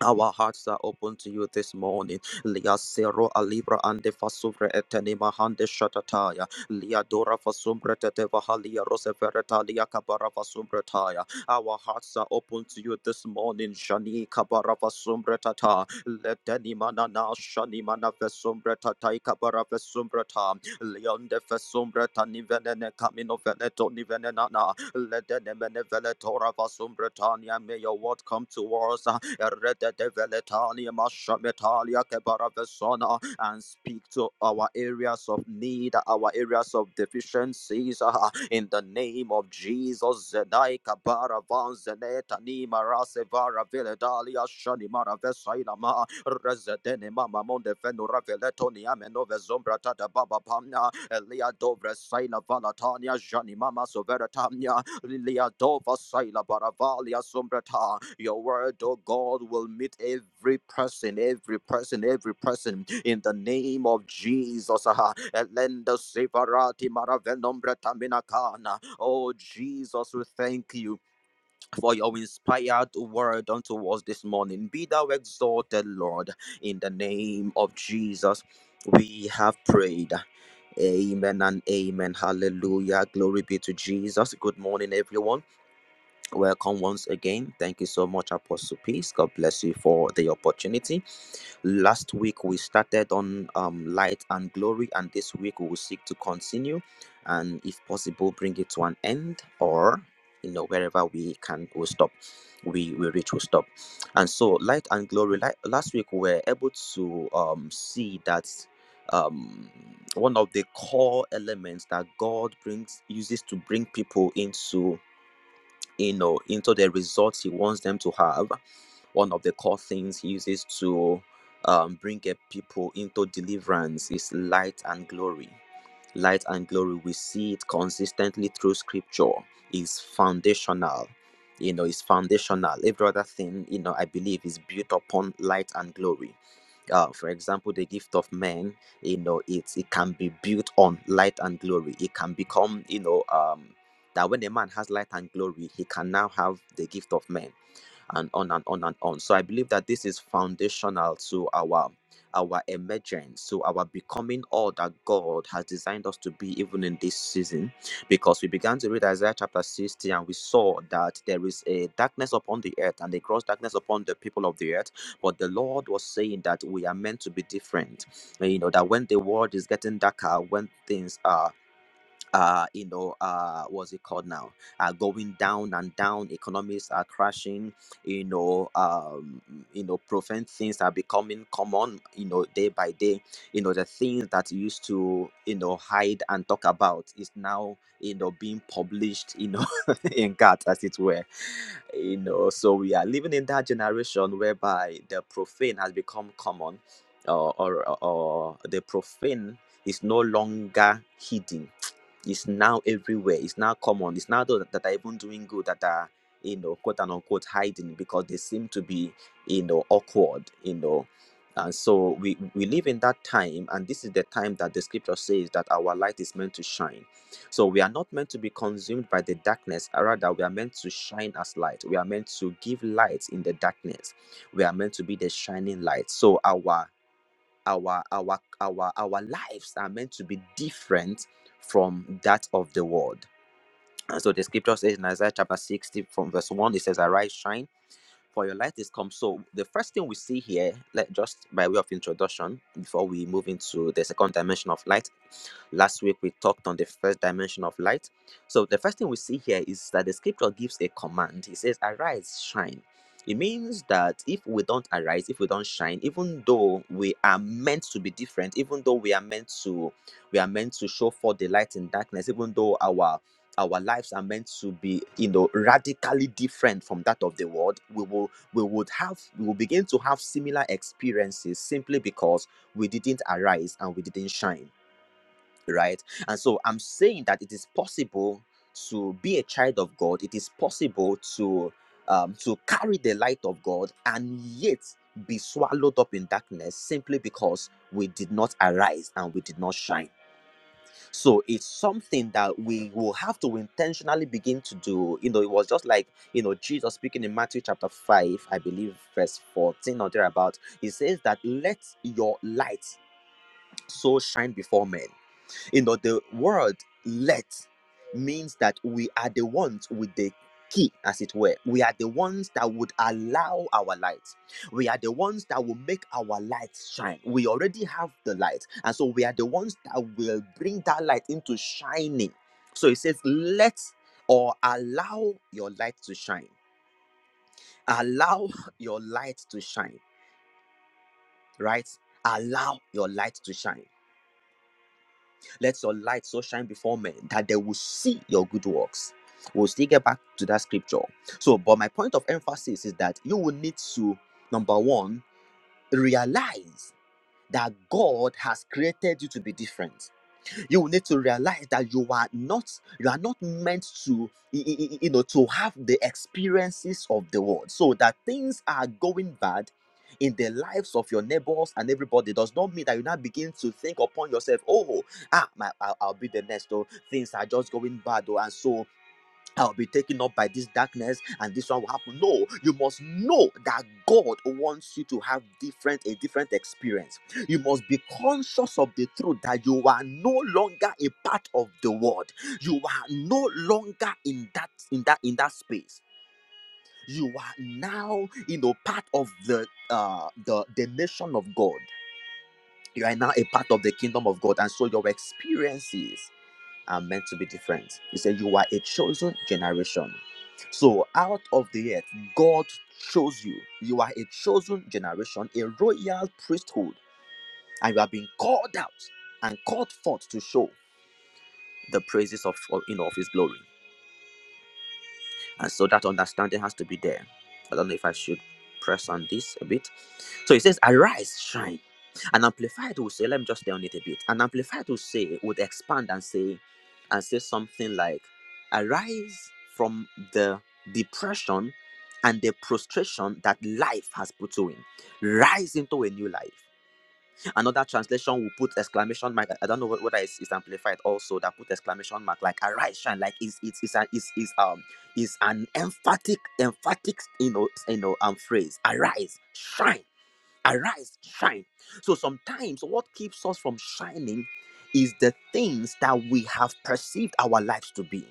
Speaker 5: Our hearts are open to you this morning. Lia Sero Alibra and the Fasuvre Etenima Hande Shatataya. Lia Dora Fasumbra Tetevahalia Roseferetalia Kabara Fasumbretaya. Our hearts are open to you this morning. Shani Kabara Fasumbretata. Letenimana na Shani Mana Fesumbretata Kabara Fesumbreta. Leon de Fesumbretani Venene Camino Veneto Nivenenana. Let the Nemenevele Torah Vasum Britannia, may your word come to us. uh, Erededeveletalia, Mashametalia, Kebaravesona, and speak to our areas of need, our areas of deficiencies. uh, In the name of Jesus, Zedai Kabaravan Zenetani Marasevara Veledalia Shanimara Vesailama Resedene Mama Monde Venura Veletoni Amenove Zombra Tata Baba Pamna Elia Dovre Saila Valatania Jani Mama Soveratania Liadova Saila Baravalia Sombrata. Your word, oh God, will meet every person, every person, every person in the name of Jesus. Ah, Elenda Sevarati Maravenombrata Minakana. Oh Jesus, we thank you for your inspired word unto us this morning. Be thou exalted, Lord, in the name of Jesus. We have prayed. Amen and amen. Hallelujah. Glory be to Jesus. Good morning, everyone. Welcome once again. Thank you so much, Apostle Peace. God bless you for the opportunity. Last week we started on um, light and glory, and this week we will seek to continue and, if possible, bring it to an end or you know wherever we can we stop we we reach we stop and so light and glory like last week we were able to um see that um one of the core elements that god brings uses to bring people into you know into the results he wants them to have one of the core things he uses to um, bring a people into deliverance is light and glory light and glory we see it consistently through scripture is foundational you know it's foundational every other thing you know i believe is built upon light and glory uh, for example the gift of men you know it it can be built on light and glory it can become you know um that when a man has light and glory he can now have the gift of men and on and on and on. So I believe that this is foundational to our our emergence, to our becoming all that God has designed us to be, even in this season, because we began to read Isaiah chapter 60 and we saw that there is a darkness upon the earth and a gross darkness upon the people of the earth. But the Lord was saying that we are meant to be different. You know, that when the world is getting darker, when things are uh, you know, uh, what's it called now? Uh, going down and down. Economies are crashing. You know, um, you know, profound things are becoming common. You know, day by day. You know, the things that you used to, you know, hide and talk about is now, you know, being published. You know, in God, as it were. You know, so we are living in that generation whereby the profane has become common, or or, or the profane is no longer hidden it's now everywhere. It's now common. It's now those that are even doing good that are, you know, quote and unquote hiding because they seem to be, you know, awkward, you know. And so we, we live in that time, and this is the time that the scripture says that our light is meant to shine. So we are not meant to be consumed by the darkness, uh, rather, we are meant to shine as light. We are meant to give light in the darkness. We are meant to be the shining light. So our our our our our lives are meant to be different from that of the world. And so the scripture says in Isaiah chapter 60 from verse 1, it says, Arise, shine, for your light is come. So the first thing we see here, let just by way of introduction, before we move into the second dimension of light, Last week we talked on the first dimension of light. So the first thing we see here is that the scripture gives a command. It says, Arise, shine. It means that if we don't arise, if we don't shine, even though we are meant to be different, even though we are meant to we are meant to show forth the light in darkness, even though our our lives are meant to be, you know, radically different from that of the world, we will we would have we will begin to have similar experiences simply because we didn't arise and we didn't shine right? And so I'm saying that it is possible to be a child of God. It is possible to um, to carry the light of God and yet be swallowed up in darkness simply because we did not arise and we did not shine. So it's something that we will have to intentionally begin to do. You know, it was just like you know Jesus speaking in Matthew chapter five, I believe, verse fourteen or thereabout. He says that let your light so shine before men you know, the word let means that we are the ones with the key, as it were. We are the ones that would allow our light. We are the ones that will make our light shine. We already have the light. And so we are the ones that will bring that light into shining. So it says, let or allow your light to shine. Allow your light to shine, right? Allow your light to shine. Let your light so shine before men that they will see your good works. We'll still get back to that scripture. So, but my point of emphasis is that you will need to, number one, realize that God has created you to be different you will need to realize that you are not you are not meant to y- y- y- you know to have the experiences of the world so that things are going bad in the lives of your neighbors and everybody does not mean that you now begin to think upon yourself oh ah my, I'll, I'll be the next oh things are just going bad oh and so I'll be taken up by this darkness and this one will happen. No, you must know that God wants you to have different a different experience. You must be conscious of the truth that you are no longer a part of the world. You are no longer in that in that in that space. You are now, you know, part of the uh the, the nation of God. You are now a part of the kingdom of God, and so your experiences are meant to be different. He said, You are a chosen generation. So, out of the earth, God chose you. You are a chosen generation, a royal priesthood, and you have been called out and called forth to show the praises of, of, you know, of His glory. And so that understanding has to be there. I don't know if I should press on this a bit. So it says, Arise, shine. And Amplified will say, let me just stay on it a bit. And Amplified will say, would expand and say, and say something like, Arise from the depression and the prostration that life has put you in. Rise into a new life. Another translation will put exclamation mark. I don't know whether it's, it's amplified also that put exclamation mark like arise shine like it's it's it's an it's, it's um it's an emphatic emphatic you know you know um phrase arise shine arise shine. So sometimes what keeps us from shining is the things that we have perceived our lives to be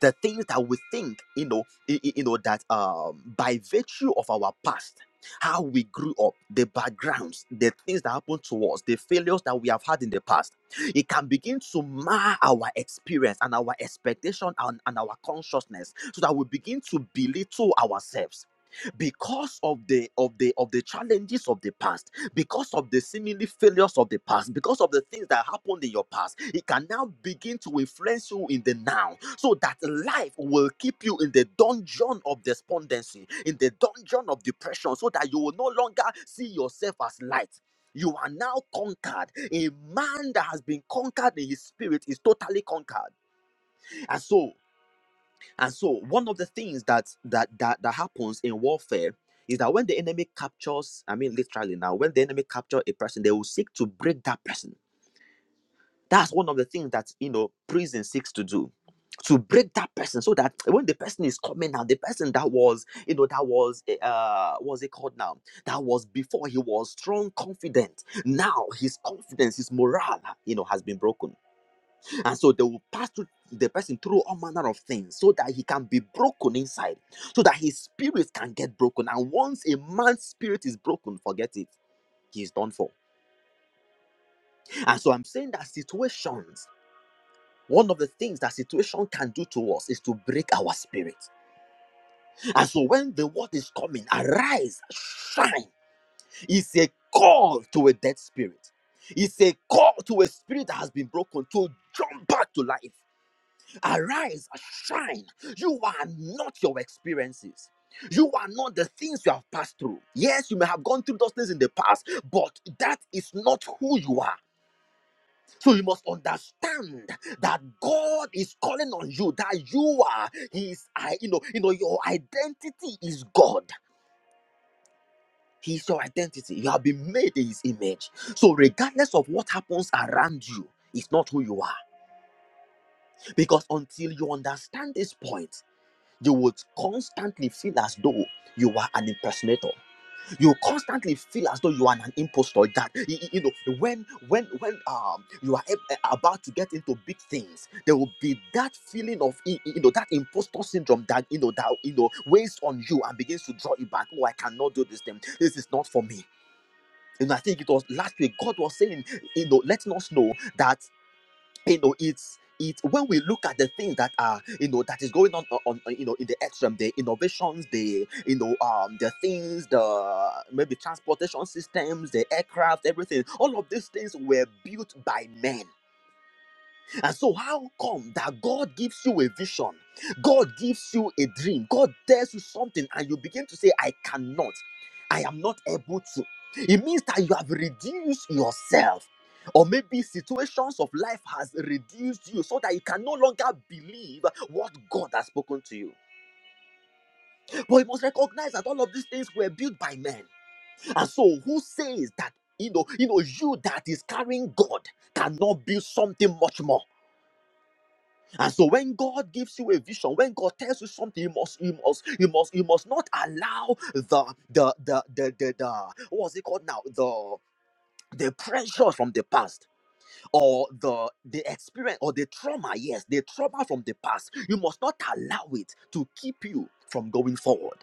Speaker 5: the things that we think you know y- you know that um by virtue of our past how we grew up the backgrounds the things that happened to us the failures that we have had in the past it can begin to mar our experience and our expectation and, and our consciousness so that we begin to belittle ourselves because of the of the of the challenges of the past because of the seemingly failures of the past, because of the things that happened in your past, it can now begin to influence you in the now, so that life will keep you in the dungeon of despondency, in the dungeon of depression, so that you will no longer see yourself as light. You are now conquered. A man that has been conquered in his spirit is totally conquered. and so. And so one of the things that that that, that happens in warfare is that when the enemy captures, I mean literally now, when the enemy captures a person, they will seek to break that person. That's one of the things that you know prison seeks to do. To break that person so that when the person is coming out, the person that was, you know, that was eh, uh what's it called now? That was before he was strong, confident. Now his confidence, his morale, you know, has been broken and so they will pass through the person through all manner of things so that he can be broken inside, so that his spirit can get broken. And once a man's spirit is broken, forget it, he is done for. And so I'm saying that situations. One of the things that situation can do to us is to break our spirit. And so when the word is coming, arise, shine, is a call to a dead spirit. It's a call to a spirit that has been broken to jump back to life. Arise, and shine. You are not your experiences. You are not the things you have passed through. Yes, you may have gone through those things in the past, but that is not who you are. So you must understand that God is calling on you, that you are His, I, you know, you know, your identity is God. He's your identity. You have been made in His image. So regardless of what happens around you, it's not who you are. Because until you understand this point, you would constantly feel as though you are an impersonator you constantly feel as though you are an impostor that y- y- you know when when when um you are ab- eh, about to get into big things there will be that feeling of y- y- you know that impostor syndrome that you know that you know weighs on you and begins to draw you back oh i cannot do this thing this is not for me and i think it was last week god was saying you know letting us know that you know it's it's when we look at the things that are you know that is going on on, on, uh, you know in the earth from the innovations the you know um the things the maybe transportation systems the aircraft everything all of these things were built by men and so, how come that God gives you a vision? God gives you a dream. God tells you something, and you begin to say, I cannot. I am not able to. It means that you have reduced yourself. Or maybe situations of life has reduced you so that you can no longer believe what God has spoken to you. But you must recognize that all of these things were built by men. And so who says that you know, you know, you that is carrying God cannot build something much more? And so when God gives you a vision, when God tells you something, you must, you must, you must, you must not allow the the the the the, the what's it called now? The the pressures from the past or the the experience or the trauma, yes, the trauma from the past. You must not allow it to keep you from going forward.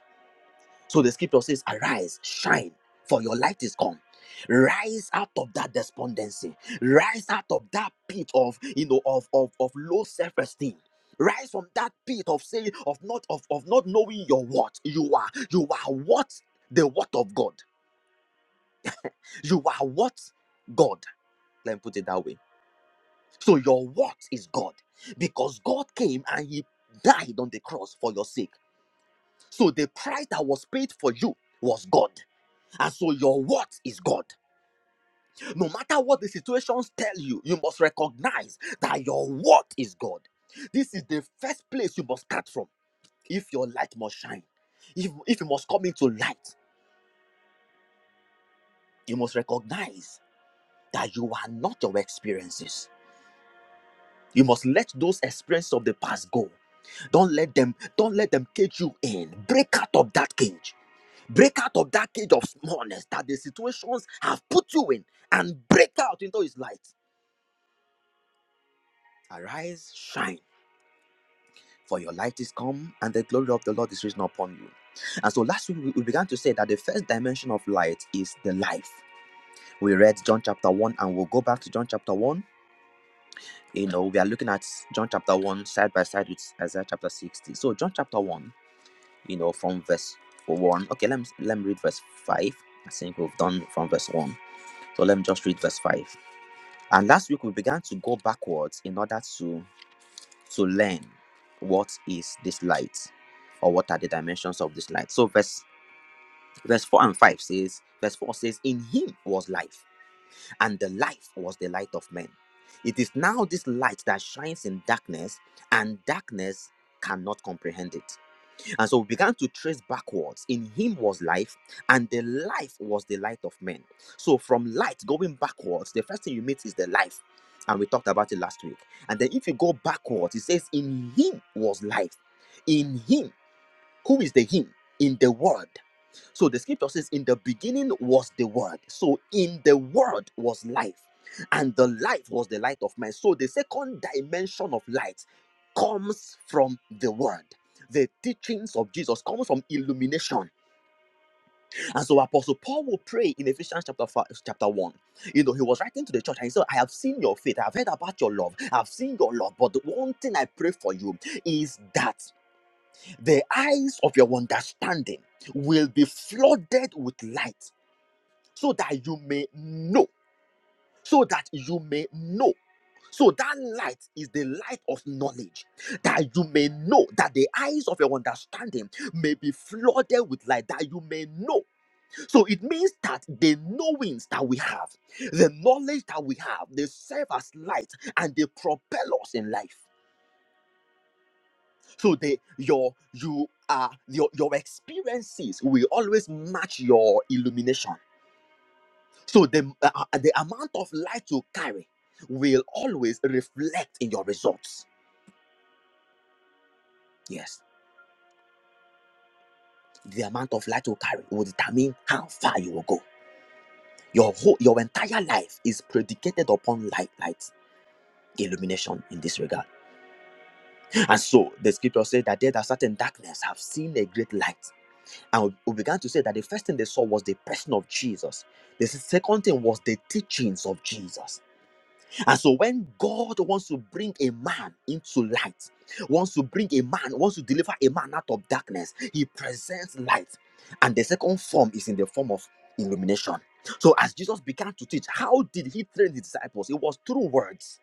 Speaker 5: So the scripture says, Arise, shine, for your light is come. Rise out of that despondency. Rise out of that pit of you know of of, of low self-esteem. Rise from that pit of saying of not of, of not knowing your what you are. You are what the what of God. You are what God. Let me put it that way. So your what is God. Because God came and he died on the cross for your sake. So the price that was paid for you was God. And so your word is God. No matter what the situations tell you, you must recognize that your word is God. This is the first place you must start from. If your light must shine, if, if you must come into light, you must recognize that you are not your experiences. You must let those experiences of the past go. Don't let them, don't let them cage you in. Break out of that cage. Break out of that cage of smallness that the situations have put you in and break out into his light. Arise, shine, for your light is come, and the glory of the Lord is risen upon you. And so last week we we began to say that the first dimension of light is the life. We read John chapter 1, and we'll go back to John chapter 1. You know, we are looking at John chapter 1 side by side with Isaiah chapter 60. So John chapter 1, you know, from verse 1. Okay, let me let me read verse 5. I think we've done from verse 1. So let me just read verse 5. And last week we began to go backwards in order to to learn what is this light or what are the dimensions of this light. So verse verse 4 and 5 says, verse 4 says, In him was life, and the life was the light of men. It is now this light that shines in darkness, and darkness cannot comprehend it. And so we began to trace backwards. In him was life, and the life was the light of men. So from light going backwards, the first thing you meet is the life. And we talked about it last week. And then if you go backwards, it says, In him was life. In him, who is the him? In the word. So the scripture says, In the beginning was the word. So in the word was life. And the light was the light of men. So the second dimension of light comes from the word. The teachings of Jesus comes from illumination. And so Apostle Paul will pray in Ephesians chapter five, chapter 1. You know, he was writing to the church and he said, I have seen your faith, I've heard about your love, I've seen your love. But the one thing I pray for you is that the eyes of your understanding will be flooded with light so that you may know, so that you may know. So that light is the light of knowledge, that you may know, that the eyes of your understanding may be flooded with light, that you may know. So it means that the knowings that we have, the knowledge that we have, they serve as light and they propel us in life. So they your you are your your experiences will always match your illumination. So the, uh, uh, the amount of light you carry will always reflect in your results. Yes, the amount of light you carry will determine how far you will go. Your whole, your entire life is predicated upon light, light, illumination in this regard. And so the scripture says that there that certain darkness have seen a great light. And we began to say that the first thing they saw was the person of Jesus. The second thing was the teachings of Jesus. And so when God wants to bring a man into light, wants to bring a man, wants to deliver a man out of darkness, he presents light. And the second form is in the form of illumination. So as Jesus began to teach, how did he train his disciples? It was through words.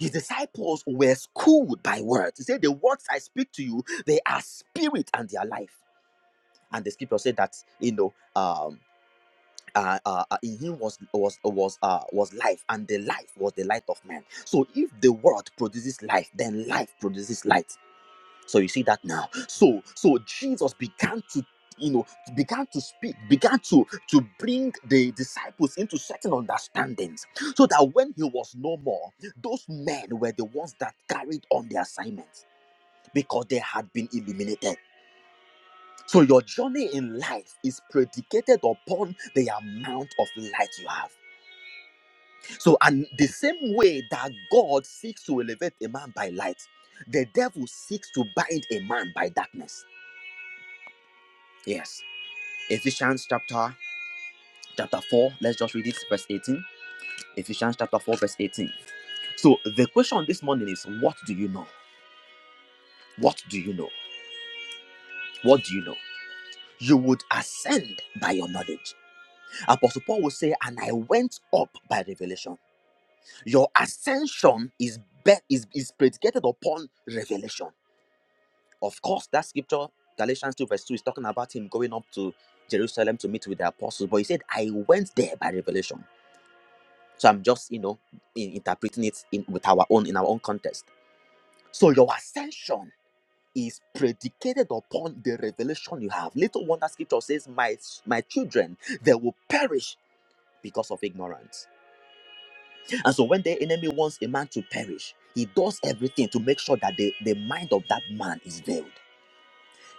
Speaker 5: His disciples were schooled by words. He said, The words I speak to you, they are spirit and they are life. And the scripture said that, you know, um, uh, uh, uh, in him was was was uh, was life, and the life was the light of man. So if the world produces life, then life produces light. So you see that now. So so Jesus began to you know began to speak began to to bring the disciples into certain understandings so that when he was no more those men were the ones that carried on the assignment because they had been illuminated. so your journey in life is predicated upon the amount of light you have So, and the same way that God seeks to elevate a man by light, the devil seeks to bind a man by darkness. Yes. Ephesians chapter chapter 4, let's just read it, verse 18. Ephesians chapter 4, verse 18. So the question this morning is: what do you know? What do you know? What do you know? You would ascend by your knowledge. Apostle Paul will say, and I went up by revelation. Your ascension is, be- is, is predicated upon revelation. Of course, that scripture, Galatians 2, verse 2, is talking about him going up to Jerusalem to meet with the apostles. But he said, I went there by revelation. So I'm just, you know, in- interpreting it in, with our own in our own context. So your ascension is predicated upon the revelation you have. Little wonder scripture says, My my children, they will perish because of ignorance. And so when the enemy wants a man to perish, he does everything to make sure that the, the mind of that man is veiled.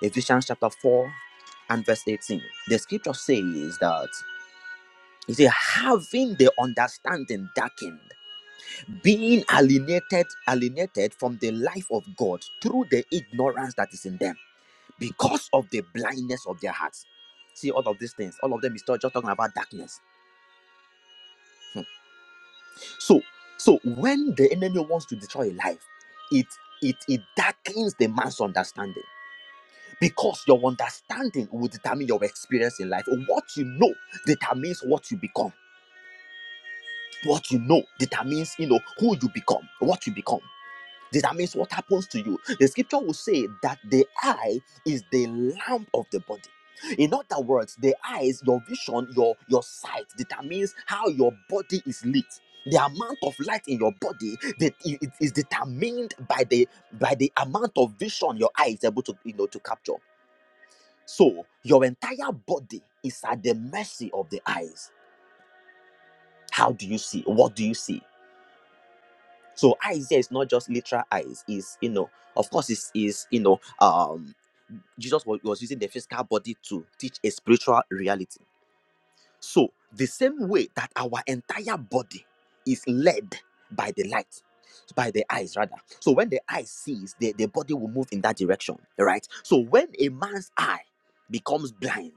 Speaker 5: Ephesians chapter 4 and verse 18. The scripture says that it says, having the understanding darkened, being alienated, alienated from the life of God through the ignorance that is in them, because of the blindness of their hearts. See, all of these things, all of them is just talking about darkness. Hmm. So, so when the enemy wants to destroy a life, it it it darkens the man's understanding because your understanding will determine your experience in life what you know determines what you become what you know determines you know who you become what you become determines what happens to you the scripture will say that the eye is the lamp of the body in other words the eyes your vision your your sight determines how your body is lit the amount of light in your body that it is determined by the by the amount of vision your eye is able to you know to capture so your entire body is at the mercy of the eyes. How do you see? What do you see? So eyes there is not just literal eyes. Is you know, of course, is is you know, um, Jesus was, was using the physical body to teach a spiritual reality. So, the same way that our entire body is led by the light, by the eyes rather. So, when the eye sees, the, the body will move in that direction, right? So, when a man's eye becomes blind,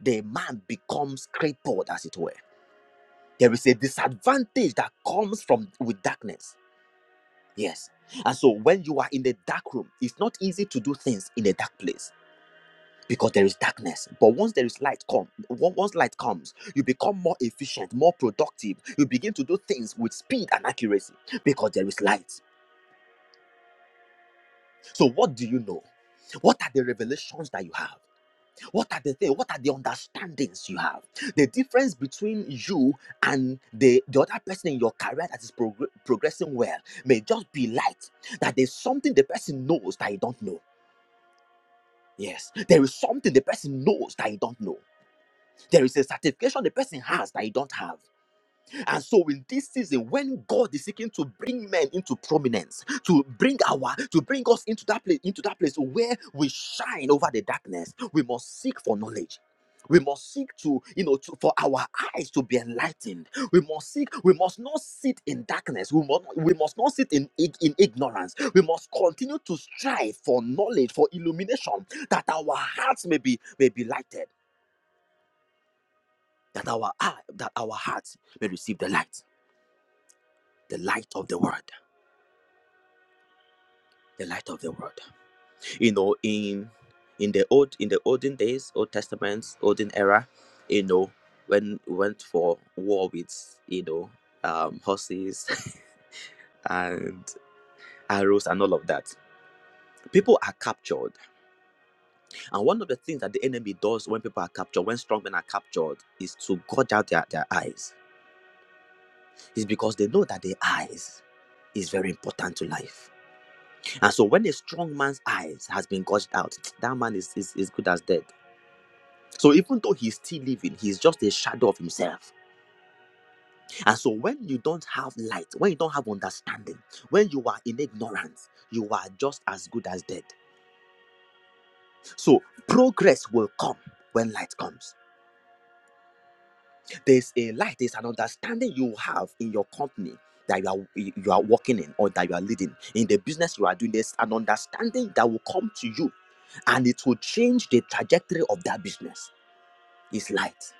Speaker 5: the man becomes crippled, as it were. There is a disadvantage that comes from with darkness. Yes. And so when you are in the dark room, it's not easy to do things in a dark place because there is darkness but once there is light come on- once light comes you become more efficient more productive you begin to do things with speed and accuracy because there is light so what do you know what are the revelations that you have what are the things what are the understandings you have the difference between you and the, the other person in your career that is progr- progressing well may just be light that there's something the person knows that you don't know yes there is something the person knows that you don't know There is a certification the person has that you don't have. And so in this season, when God is seeking to bring men into prominence, to bring our, to bring us into that place, into that place where we shine over the darkness, we must seek for knowledge. We must seek to, you know, to, for our eyes to be enlightened. We must seek, we must not sit in darkness. We must, we must not sit in, ig- in ignorance. We must continue to strive for knowledge, for illumination, that our hearts may be may be lighted that our eye, that our hearts may receive the light, the light of the word, the light of the word. You know, in in the old in the olden days, Old Testament, olden era, you know, when we went for war with you know um, horses and arrows and all of that, people are captured. And one of the things that the enemy does when people are captured, when strong men are captured, is to gouge out their, their eyes. It's because they know that their eyes is very important to life And so when a strong man's eyes has been gouged out, that man is, is, is good as dead. So even though he's still living, he's just a shadow of himself. And so when you don't have light, when you don't have understanding, when you are in ignorance, you are just as good as dead. So progress will come when light comes. There's a light, there's an understanding you have in your company that you are you are working in or that you are leading. In the business you are doing, there's an understanding that will come to you and it will change the trajectory of that business is light.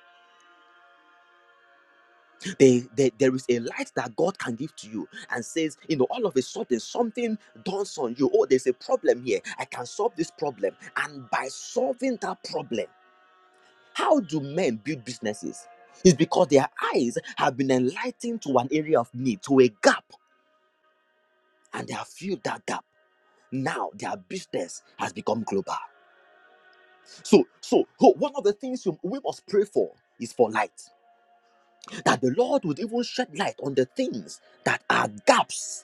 Speaker 5: They, they, there is a light that God can give to you and says, you know, all of a sudden something dawns on you. Oh, there's a problem here. I can solve this problem. And by solving that problem, how do men build businesses? It's because their eyes have been enlightened to an area of need, to a gap, and they have filled that gap. Now their business has become global. So, so ho- one of the things you- we must pray for is for light. That the Lord would even shed light on the things that are gaps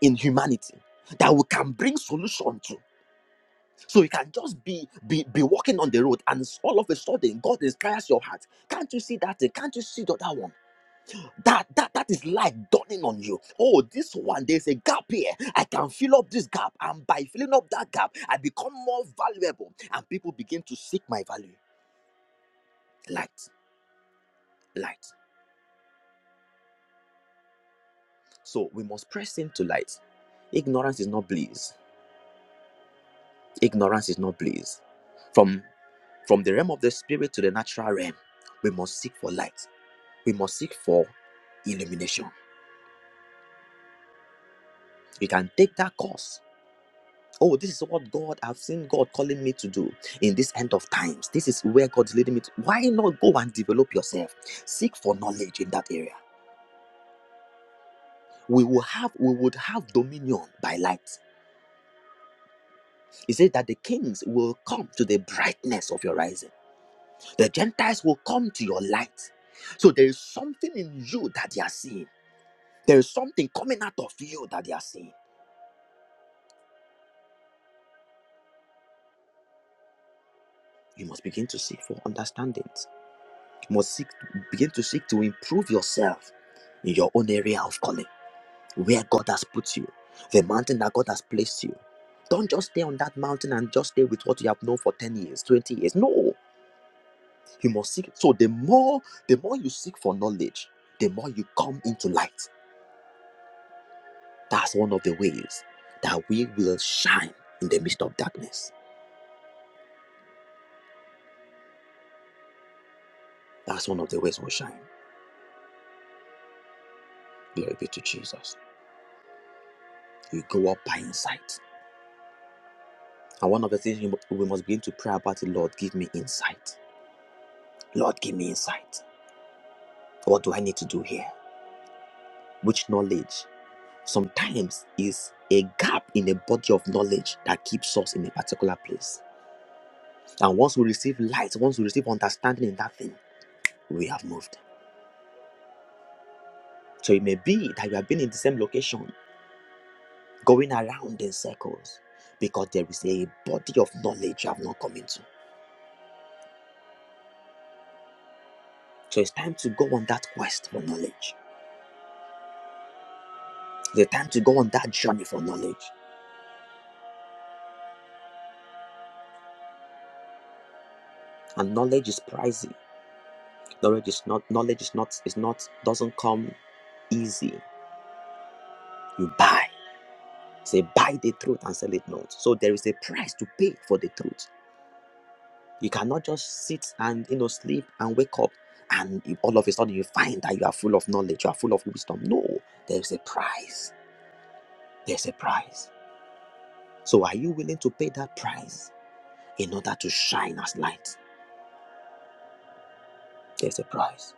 Speaker 5: in humanity that we can bring solution to. So you can just be be be walking on the road, and s- all of a sudden God inspires your heart. Can't you see that? thing? Can't you see the other one? That that that is light dawning on you. Oh, this one there's a gap here. I can fill up this gap, and by filling up that gap, I become more valuable, and people begin to seek my value. Light, light. So we must press into light. Ignorance is not bliss. Ignorance is not bliss From From the realm of the spirit to the natural realm, we must seek for light. We must seek for illumination. We can take that course. Oh, this is what God, I've seen God calling me to do in this end of times. This is where God's leading me to. Why not go and develop yourself? Seek for knowledge in that area. We will have, we would have dominion by light. He said that the kings will come to the brightness of your rising. The Gentiles will come to your light. So there is something in you that they are seeing. There is something coming out of you that they are seeing. You must begin to seek for understandings. You must seek, begin to seek to improve yourself in your own area of calling, where God has put you, the mountain that God has placed you. Don't just stay on that mountain and just stay with what you have known for 10 years, 20 years. No, you must seek. So the more, the more you seek for knowledge, the more you come into light. That's one of the ways that we will shine in the midst of darkness. That's one of the ways we'll shine. Glory be to Jesus. We go up by insight. And one of the things we must begin to pray about is, Lord, give me insight. Lord, give me insight. What do I need to do here? Which knowledge? Sometimes is a gap in a body of knowledge that keeps us in a particular place. And once we receive light, once we receive understanding in that thing, we have moved. So it may be that you have been in the same location, going around in circles, because there is a body of knowledge you have not come into. So it's time to go on that quest for knowledge. The time to go on that journey for knowledge. And knowledge is pricey. Knowledge is not knowledge is not is not doesn't come easy. You buy. Say buy the truth and sell it not. So there is a price to pay for the truth. You cannot just sit and you know sleep and wake up and if all of a sudden you find that you are full of knowledge, you are full of wisdom. No, there is a price. There's a price. So are you willing to pay that price in order to shine as light? There's a price.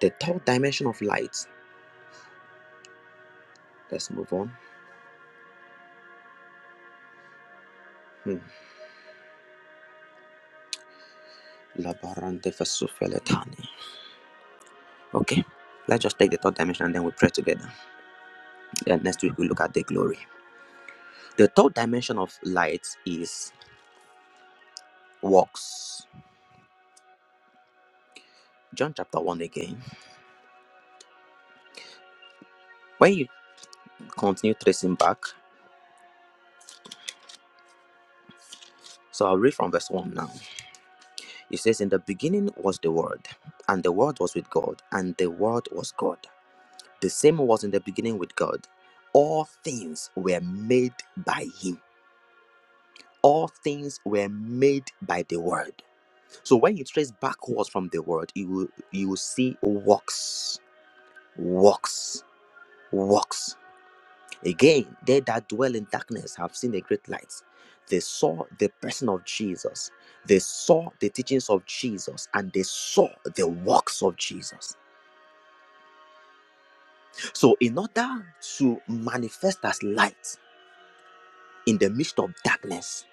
Speaker 5: The third dimension of light Let's move on. Hmm. Labarante fesufeletani. Okay. Let's just take the third dimension and then we pray together. And next week we look at the glory. The third dimension of light is works. John chapter 1 again. When you continue tracing back, so I'll read from verse 1 now. It says, In the beginning was the Word, and the Word was with God, and the Word was God. The same was in the beginning with God. All things were made by Him, all things were made by the Word So when you trace backwards from the word, you will you will see works, works, works. Again, they that dwell in darkness have seen a great light. They saw the person of Jesus. They saw the teachings of Jesus and they saw the works of Jesus. So, in order to manifest as light in the midst of darkness,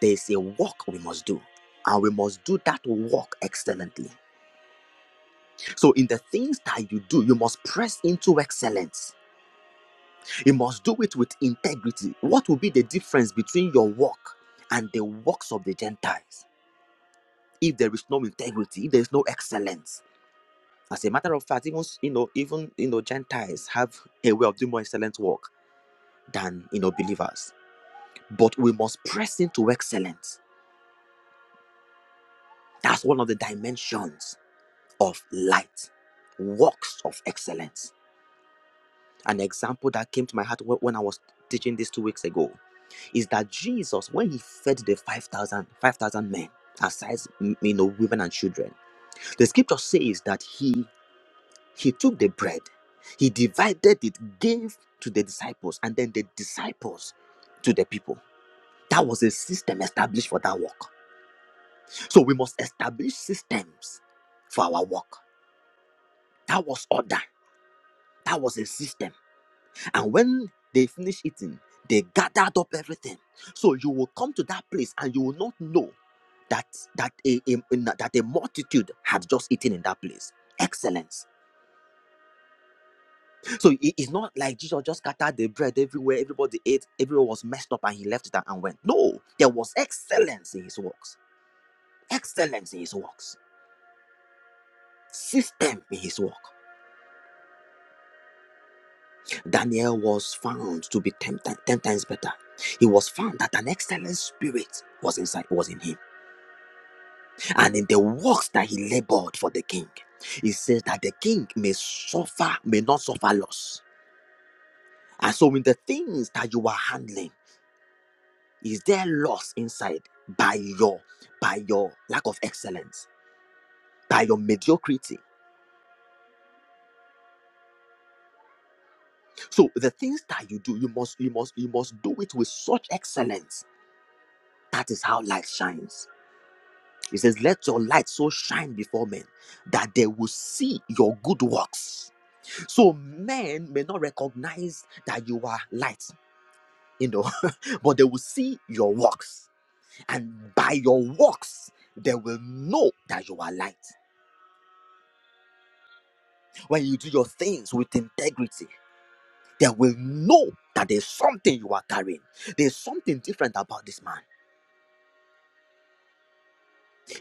Speaker 5: there is a work we must do, and we must do that work excellently. So, in the things that you do, you must press into excellence. You must do it with integrity. What will be the difference between your work and the works of the Gentiles? If there is no integrity, if there is no excellence. As a matter of fact, even you know, even you know, Gentiles have a way of doing more excellent work than you know believers. But we must press into excellence. That's one of the dimensions of light, works of excellence. An example that came to my heart wh- when I was teaching this two weeks ago is that Jesus, when he fed the five thousand five thousand 5,000 men, aside m- you know, women and children, the scripture says that he he took the bread, he divided it, gave to the disciples, and then the disciples to the people. That was a system established for that work. So we must establish systems for our work. That was order. That was a system. And when they finish eating, they gathered up everything. So you will come to that place and you will not know that that a, a- that a multitude had just eaten in that place. Excellence. So it is not like Jesus just scattered the bread everywhere, everybody ate, everyone was messed up, and he left it and and went. No, there was excellence in his works. Excellence in his works. System in his work. Daniel was found to be ten, ti- ten times better. He was found that an excellent spirit was inside, was in him and in the works that he labored for the king. He says that the king may suffer, may not suffer loss. And so in the things that you are handling, is there loss inside by your by your lack of excellence, by your mediocrity? So the things that you do, you must you must you must do it with such excellence. That is how light shines. He says, Let your light so shine before men that they will see your good works. So men may not recognize that you are light you know, but they will see your works, and by your works, they will know that you are light. When you do your things with integrity, they will know that there's something you are carrying. There's something different about this man.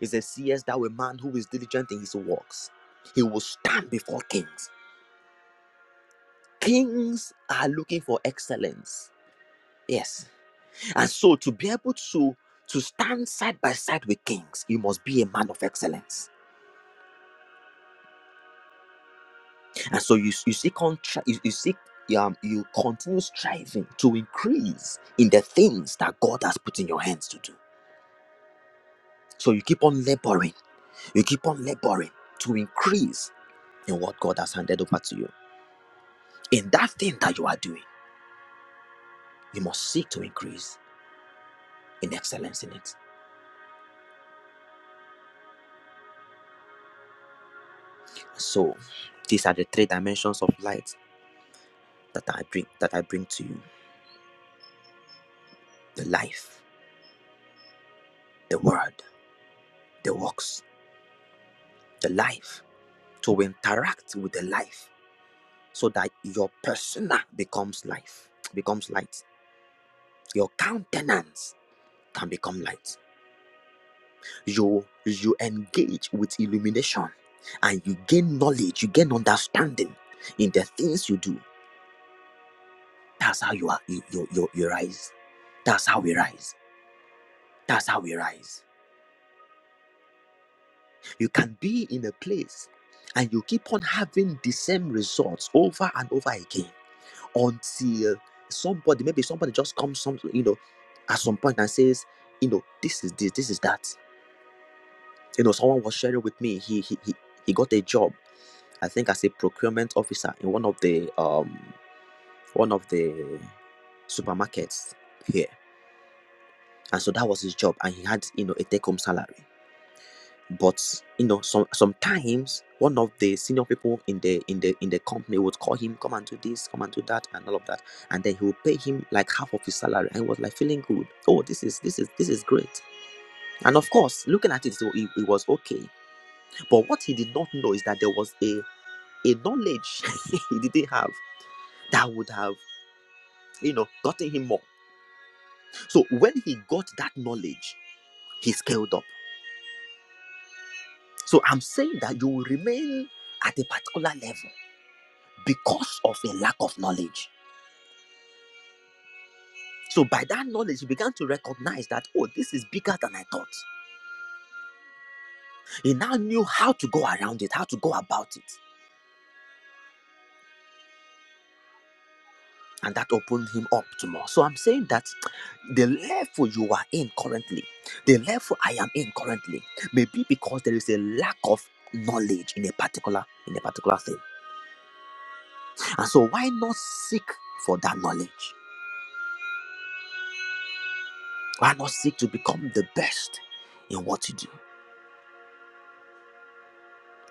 Speaker 5: He says, Seest thou a man who is diligent in his works? He will stand before kings. Kings are looking for excellence. Yes. And so to be able to to stand side by side with kings, you must be a man of excellence And so you, you seek on you, you seek um, you continue striving to increase in the things that God has put in your hands to do. So you keep on laboring, you keep on laboring to increase in what God has handed over to you. In that thing that you are doing, you must seek to increase in excellence in it. So these are the three dimensions of light that I bring that I bring to you. The life, the word, the works, the life. To interact with the life so that your persona becomes life, becomes light. Your countenance can become light. You you engage with illumination and you gain knowledge, you gain understanding in the things you do. That's how you are you you, you, you rise. That's how we rise. That's how we rise. You can be in a place and you keep on having the same results over and over again until somebody, maybe somebody just comes, some you know, at some point and says, you know, this is this, this is that. You know, someone was sharing with me. He he he, he got a job, I think, as a procurement officer in one of the um one of the supermarkets here, and so that was his job, and he had you know a take home salary. but you know some sometimes one of the senior people in the in the in the company would call him come and do this come and do that and all of that and then he would pay him like half of his salary and he was like feeling good oh this is this is this is great and of course looking at it so it, it was okay but what he did not know is that there was a a knowledge he didn't have that would have you know gotten him more so when he got that knowledge he scaled up so i'm saying that you will remain at a particular level because of a lack of knowledge. So by that knowledge, he began to recognize that, oh, this is bigger than I thought. He now knew how to go around it, how to go about it. And that opened him up to more. So I'm saying that the level you are in currently, the level I am in currently, may be because there is a lack of knowledge in a particular in a particular thing. And so why not seek for that knowledge? Why not seek to become the best in what you do?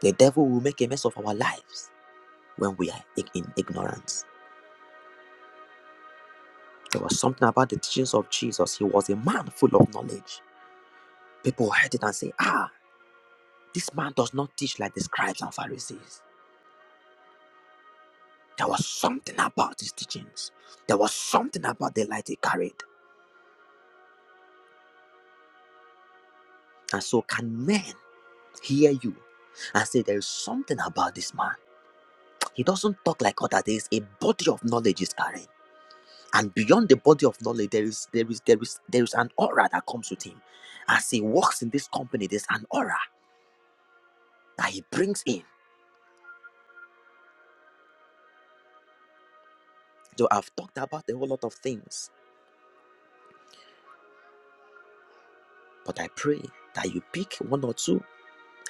Speaker 5: The devil will make a mess of our lives when we are in ignorance. There was something about the teachings of Jesus. He was a man full of knowledge. People heard it and say, Ah, this man does not teach like the scribes and Pharisees. There was something about his teachings. There was something about the light he carried. And so, can men hear you and say, There is something about this man? He doesn't talk like other. There is a body of knowledge he's carrying, and beyond the body of knowledge, there is there is there is there is an aura that comes with him. As he walks in this company, there's an aura. that He brings in. So I've talked about a whole lot of things, but I pray that you pick one or two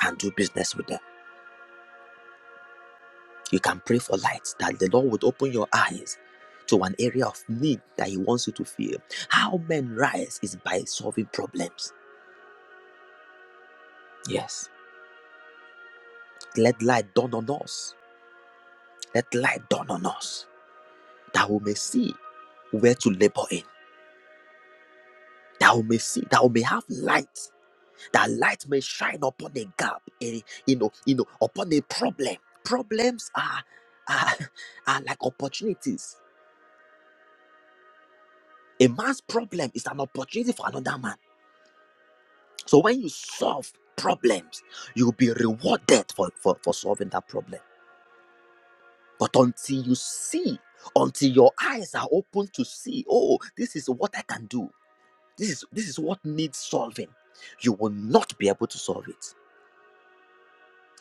Speaker 5: and do business with them. You can pray for light, that the Lord would open your eyes to an area of need that He wants you to feel. How men rise is by solving problems. Yes. Let light dawn on us. Let light dawn on us that we may see where to labor in, that we may see, that we may have light that light may shine upon a gap, a, you know, you know, upon a problem. Problems are, are, are like opportunities. A man's problem is an opportunity for another man. So when you solve problems, you'll be rewarded for, for, for solving that problem. But until you see, until your eyes are open to see, oh, this is what I can do. This is this is what needs solving. You will not be able to solve it.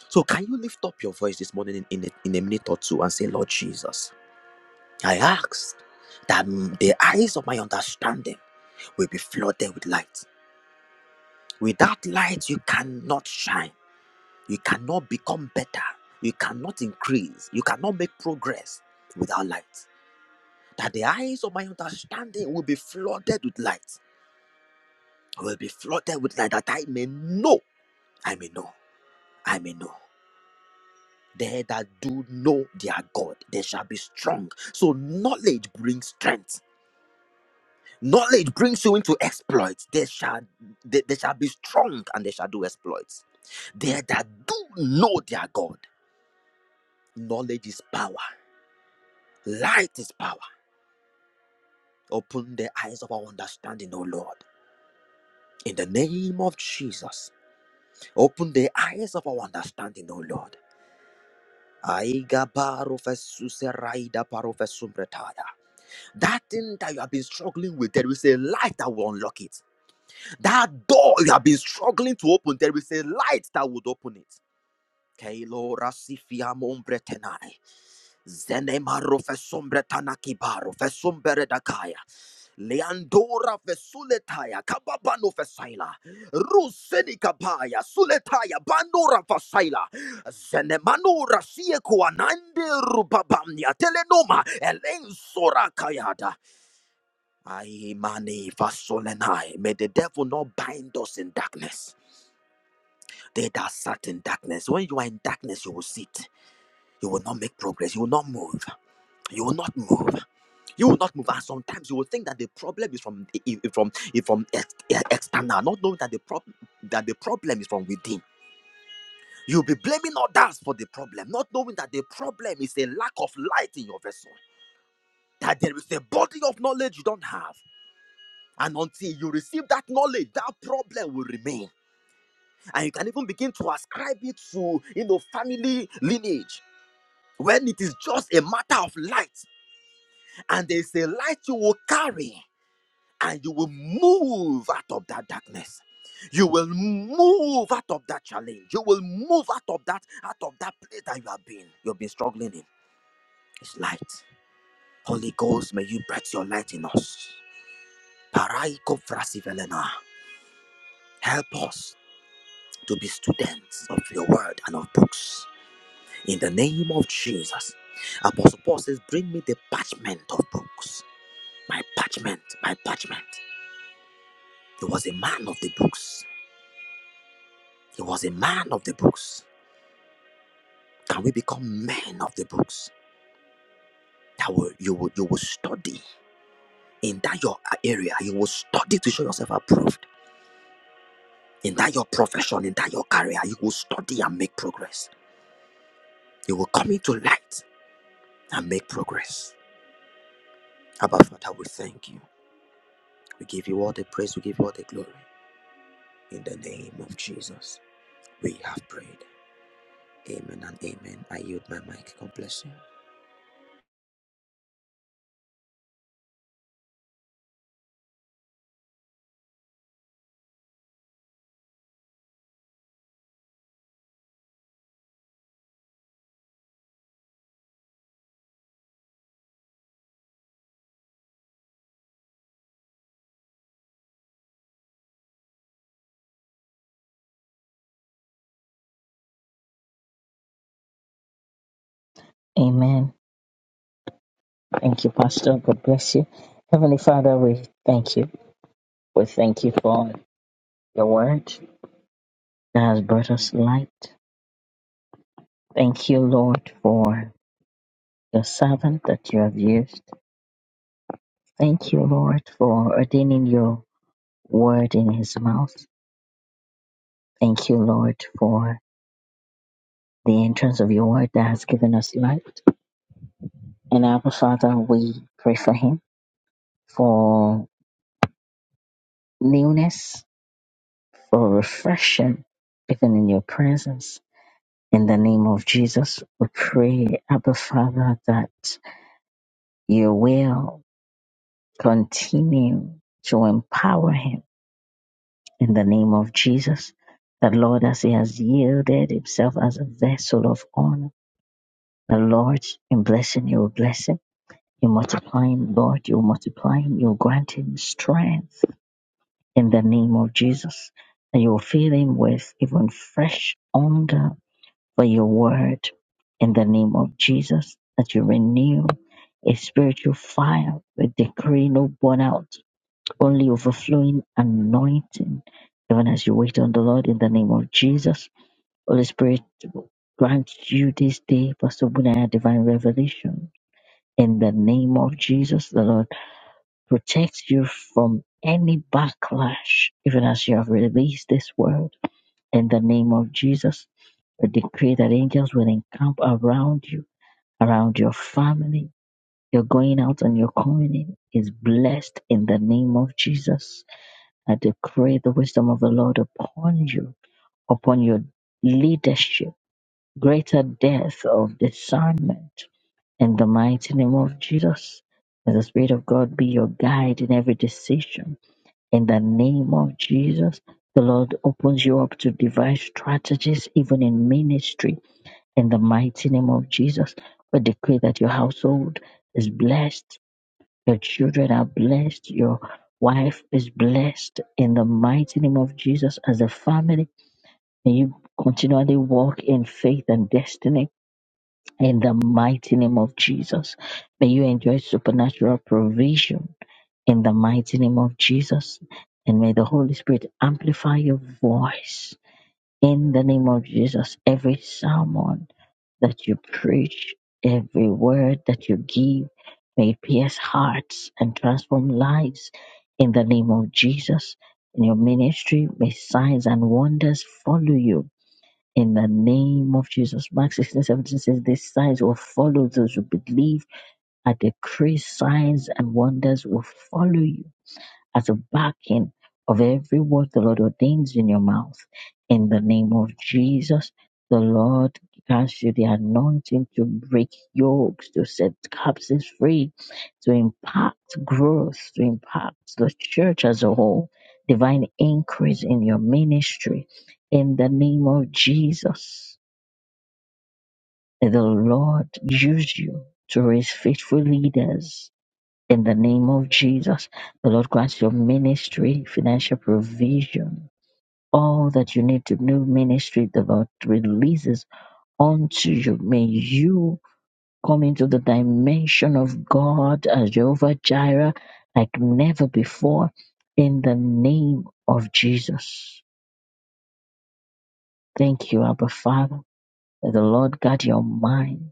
Speaker 5: So can you lift up your voice this morning in, in, a, in a minute or two and say, Lord Jesus, I ask that mm, the eyes of my understanding will be flooded with light. Without light, you cannot shine. You cannot become better. You cannot increase. You cannot make progress without light. That the eyes of my understanding will be flooded with light. I Will be flooded with light that I may know. I may know. I may know. They that do know their God, they shall be strong. So knowledge brings strength. Knowledge brings you into exploits. They shall they, they shall be strong and they shall do exploits. They that do know their God, knowledge is power, light is power. Open the eyes of our understanding, O Lord. In the name of Jesus, open the eyes of our understanding, O Lord. Aiga baro seraida paro fesu That thing that you have been struggling with, there is a light that will unlock it. That door you have been struggling to open, there is a light that would open it. Keilo rasifia mombretenai. Zenemaro fesombretana kibaro fesomberedakaya. Leandora vesuletaya kababano fesaila. Ruseni kabaya suletaya bandora fasaila. Zenemanura siekuanande rubabamnia telenoma elensora kayada. Aye, mani, fasolenai. May the devil not bind us in darkness. They that sat in darkness. When you are in darkness, you will sit. You will not make progress. You will not move. You will not move. You will not move. And sometimes you will think that the problem is from i- i- from i- from ex- e- external, not knowing that the problem that the problem is from within. You'll be blaming others for the problem, not knowing that the problem is a lack of light in your vessel. That there is a body of knowledge you don't have And until you receive that knowledge, that problem will remain. And you can even begin to ascribe it to, you know, family lineage. When it is just a matter of light, and there is a light you will carry, and you will move out of that darkness. You will move out of that challenge. You will move out of that, out of that place that you have been, you've been struggling in. It's light. Holy Ghost, may you bright your light in us. Paraiko frasivelena. Help us to be students of your word and of books. In the name of Jesus. Apostle Paul says, Bring me the parchment of books. My parchment, my parchment. He was a man of the books. He was a man of the books. Can we become men of the books? That will you will you will study in that your area. You will study to show yourself approved. In that your profession, in that your career, you will study and make progress. You will come into light and make progress. Abba Father, we thank you. We give you all the praise, we give you all the glory. In the name of Jesus, we have prayed. Amen and amen. I yield my mic. God bless you.
Speaker 2: Amen. Thank you, Pastor. God bless you. Heavenly Father, we thank you. We thank you for your word that has brought us light. Thank you, Lord, for your servant that you have used. Thank you, Lord, for ordaining your word in his mouth. Thank you, Lord, for the entrance of your word that has given us light. And Abba Father, we pray for him for newness, for refreshing, even in your presence. In the name of Jesus, we pray, Abba Father, that you will. Continue to empower him in the name of Jesus. The Lord, as he has yielded himself as a vessel of honor, the Lord, in blessing, you will bless him. You multiply him, Lord, you will multiply him, you will grant him strength in the name of Jesus. And you will fill him with even fresh hunger for your word in the name of Jesus, that you renew a spiritual fire. We decree no burnout only overflowing anointing. Even as you wait on the Lord in the name of Jesus, Holy Spirit grant you this day, Pastor Bunaya, divine revelation. In the name of Jesus, the Lord protects you from any backlash, even as you have released this word. In the name of Jesus, we decree that angels will encamp around you, around your family. Your going out and your coming in is blessed in the name of Jesus I decree the wisdom of the Lord upon you, upon your leadership, greater depth of discernment in the mighty name of Jesus. May the Spirit of God be your guide in every decision. In the name of Jesus, the Lord opens you up to devise strategies, even in ministry. In the mighty name of Jesus, we decree that your household is blessed your children are blessed. Your wife is blessed in the mighty name of Jesus as a family. May you continually walk in faith and destiny in the mighty name of Jesus. May you enjoy supernatural provision in the mighty name of Jesus. And may the Holy Spirit amplify your voice in the name of Jesus. Every sermon that you preach, every word that you give, may it pierce hearts and transform lives in the name of Jesus. In your ministry, may signs and wonders follow you. In the name of Jesus. Mark 16 17 says, These signs will follow those who believe. I decree signs and wonders will follow you as a backing of every word the Lord ordains in your mouth. In the name of Jesus, the Lord grants you the anointing to break yokes, to set captives free, to impact growth, to impact the church as a whole, divine increase in your ministry. In the name of Jesus, may the Lord use you to raise faithful leaders in the name of Jesus, the Lord grants your ministry financial provision. All that you need to know, ministry, the Lord releases unto you. May you come into the dimension of God as Jehovah Jireh like never before in the name of Jesus. Thank you, Abba Father. May the Lord guard your mind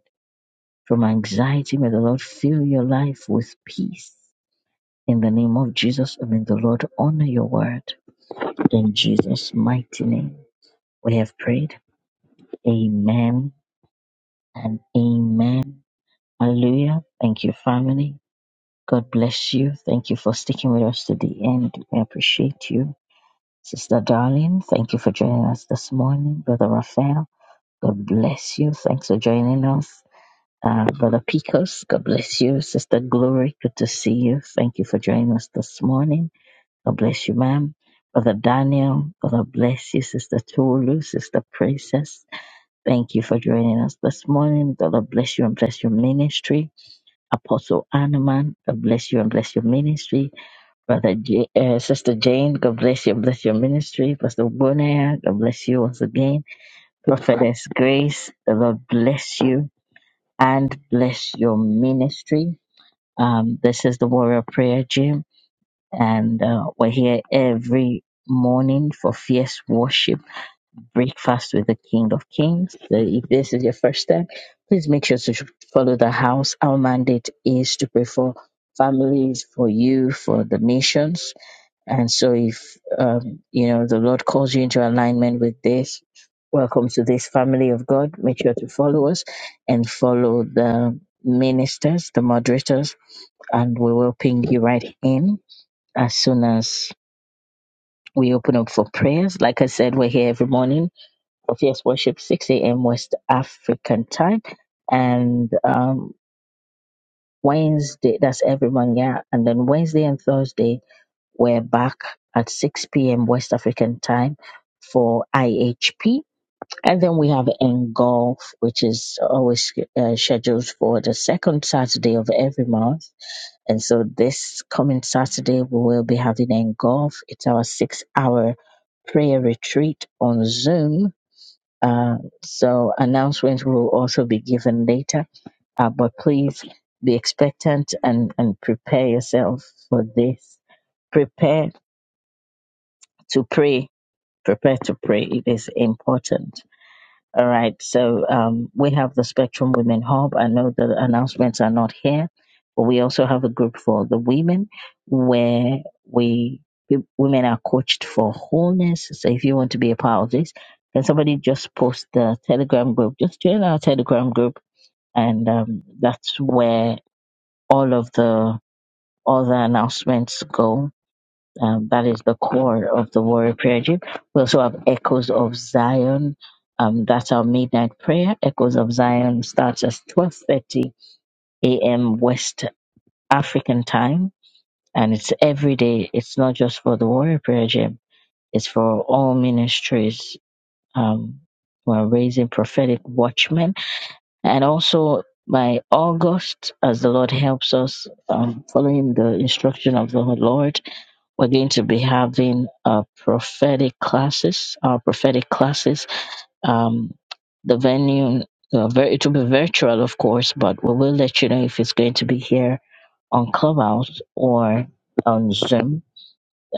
Speaker 2: from anxiety. May the Lord fill your life with peace. In the name of Jesus, I mean, the Lord honor your word. In Jesus' mighty name, we have prayed. Amen and amen. Hallelujah. Thank you, family. God bless you. Thank you for sticking with us to the end. We appreciate you. Sister Darling, thank you for joining us this morning. Brother Raphael, God bless you. Thanks for joining us. Uh, Brother Picos, God bless you. Sister Glory, good to see you. Thank you for joining us this morning. God bless you, ma'am. Brother Daniel, God bless you. Sister Tolu, Sister Princess, Thank you for joining us this morning. The Lord bless you and bless your ministry. Apostle Anaman, God bless you and bless your ministry. Brother J- uh, Sister Jane, God bless you and bless your ministry. Pastor Bonaya, God bless you once again. Prophetess Grace, the Lord bless you and bless your ministry. Um, this is the Warrior Prayer Gym, and uh, we're here every morning for fierce worship Breakfast with the King of Kings. So if this is your first time, please make sure to follow the house. Our mandate is to pray for families, for you, for the nations. And so if, um, you know, the Lord calls you into alignment with this, welcome to this family of God. Make sure to follow us and follow the ministers, the moderators, and we will ping you right in as soon as we open up for prayers. Like I said, we're here every morning of Yes Worship, 6 a.m. West African time. And um, Wednesday, that's every month, yeah. And then Wednesday and Thursday, we're back at 6 p.m. West African time for IHP. And then we have Engulf, which is always uh, scheduled for the second Saturday of every month. And so this coming Saturday, we will be having Engulf. It's our six hour prayer retreat on Zoom uh, so announcements will also be given later. Uh, but please be expectant and, and prepare yourself for this. Prepare to pray. Prepare to pray. It is important all right, so um, we have the Spectrum Women Hub. I know the announcements are not here, but we also have a group for the women where we w- women are coached for wholeness. So if you want to be a part of this, can somebody just post the Telegram group? Just join our Telegram group, and um, that's where all of the other announcements go um, that is the core of the warrior prayer gym. We also have Echoes of Zion. Um, that's our midnight prayer. Echoes of Zion starts at 12.30 a.m. West African time. And it's every day. It's not just for the warrior prayer gym. It's for all ministries. Um, we're raising prophetic watchmen. And also by August, as the Lord helps us, um, following the instruction of the Lord, we're going to be having uh, prophetic classes. Our prophetic classes. Um, the venue, uh, vir- it will be virtual, of course, but we will let you know if it's going to be here on Clubhouse or on Zoom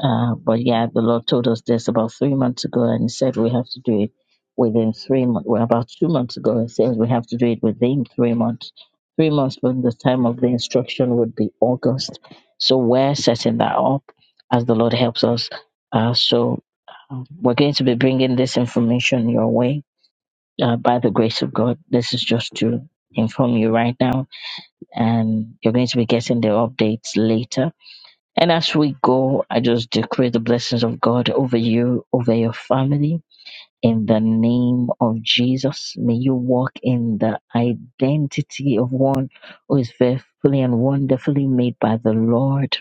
Speaker 2: uh, but yeah, the Lord told us this about three months ago, and He said we have to do it within three months. Well, about two months ago, He says we have to do it within three months. Three months from the time of the instruction would be August. So we're setting that up as the Lord helps us. Uh, so uh, we're going to be bringing this information your way uh, by the grace of God. This is just to inform you right now, and you're going to be getting the updates later and as we go, I just decree the blessings of God over you, over your family. In the name of Jesus, may you walk in the identity of one who is faithfully and wonderfully made by the Lord.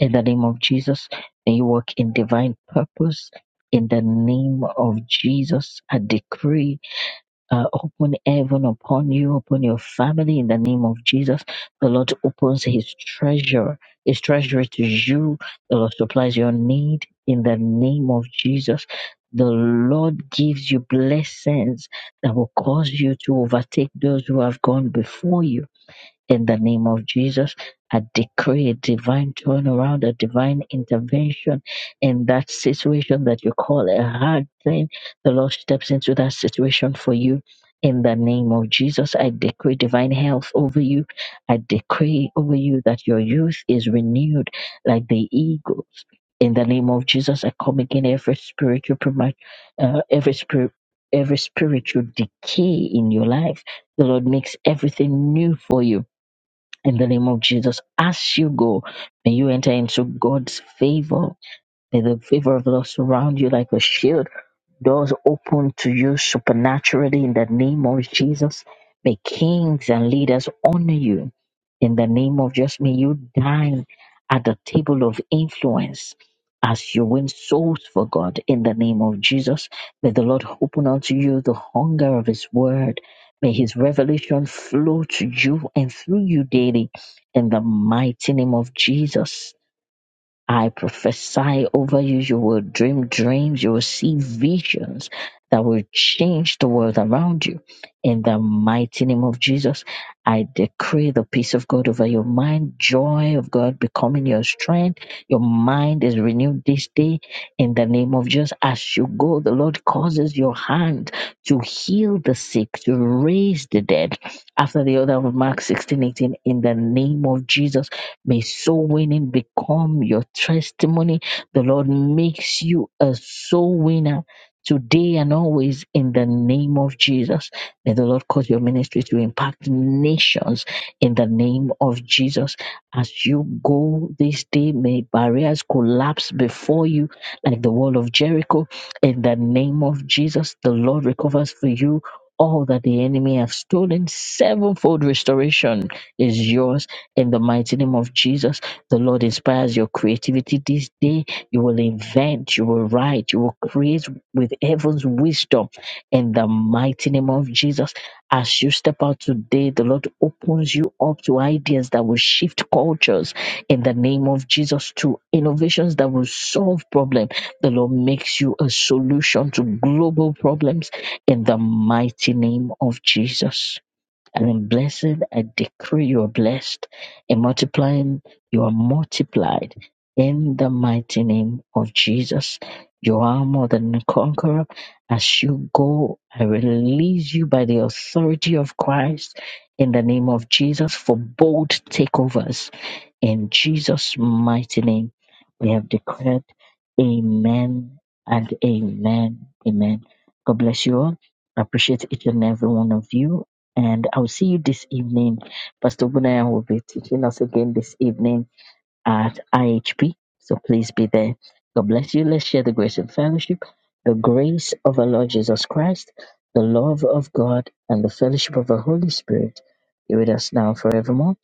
Speaker 2: In the name of Jesus, may you walk in divine purpose. In the name of Jesus, I decree uh, open heaven upon you, upon your family in the name of Jesus. The Lord opens his treasure, his treasury to you. The Lord supplies your need in the name of Jesus. The Lord gives you blessings that will cause you to overtake those who have gone before you in the name of Jesus, I decree a divine turnaround, a divine intervention in that situation that you call a hard thing. The Lord steps into that situation for you. In the name of Jesus, I decree divine health over you. I decree over you that your youth is renewed like the eagles. In the name of Jesus, I come again every spiritual, prema- uh, every spirit, every spiritual decay in your life. The Lord makes everything new for you in the name of Jesus. As you go, may you enter into God's favor. May the favor of the Lord surround you like a shield doors open to you supernaturally in the name of Jesus. May kings and leaders honor you in the name of Jesus. May you dine at the table of influence as you win souls for God in the name of Jesus. May the Lord open unto you the hunger of His word. May His revelation flow to you and through you daily in the mighty name of Jesus. I prophesy over you. You will dream dreams. You will see visions that will change the world around you. In the mighty name of Jesus, I decree the peace of God over your mind, joy of God becoming your strength. Your mind is renewed this day. In the name of Jesus, as you go, the Lord causes your hand to heal the sick, to raise the dead. After the order of Mark 16 18, in the name of Jesus. May soul winning become your testimony. The Lord makes you a soul winner today and always in the name of Jesus. May the Lord cause your ministry to impact nations in the name of Jesus. As you go this day, may barriers collapse before you like the wall of Jericho in the name of Jesus. The Lord recovers for you all that the enemy have stolen. Sevenfold restoration is yours in the mighty name of Jesus, the Lord inspires your creativity this day. You will invent, you will write, you will create with heaven's wisdom. In the mighty name of Jesus, as you step out today, the Lord opens you up to ideas that will shift cultures. In the name of Jesus, to innovations that will solve problems. The Lord makes you a solution to global problems. In the mighty name of Jesus. And then blessed, I decree you are blessed. In multiplying, you are multiplied. In the mighty name of Jesus, you are more than a conqueror. As you go, I release you by the authority of Christ in the name of Jesus for bold takeovers in Jesus' mighty name, we have declared Amen and Amen. Amen. God bless you all. I appreciate each and every one of you. And I'll see you this evening. Pastor Bunaya will be teaching us again this evening at IHP. So please be there. God bless you. Let's share the grace and fellowship. The grace of our Lord Jesus Christ, the love of God, and the fellowship of the Holy Spirit be with us now and forevermore.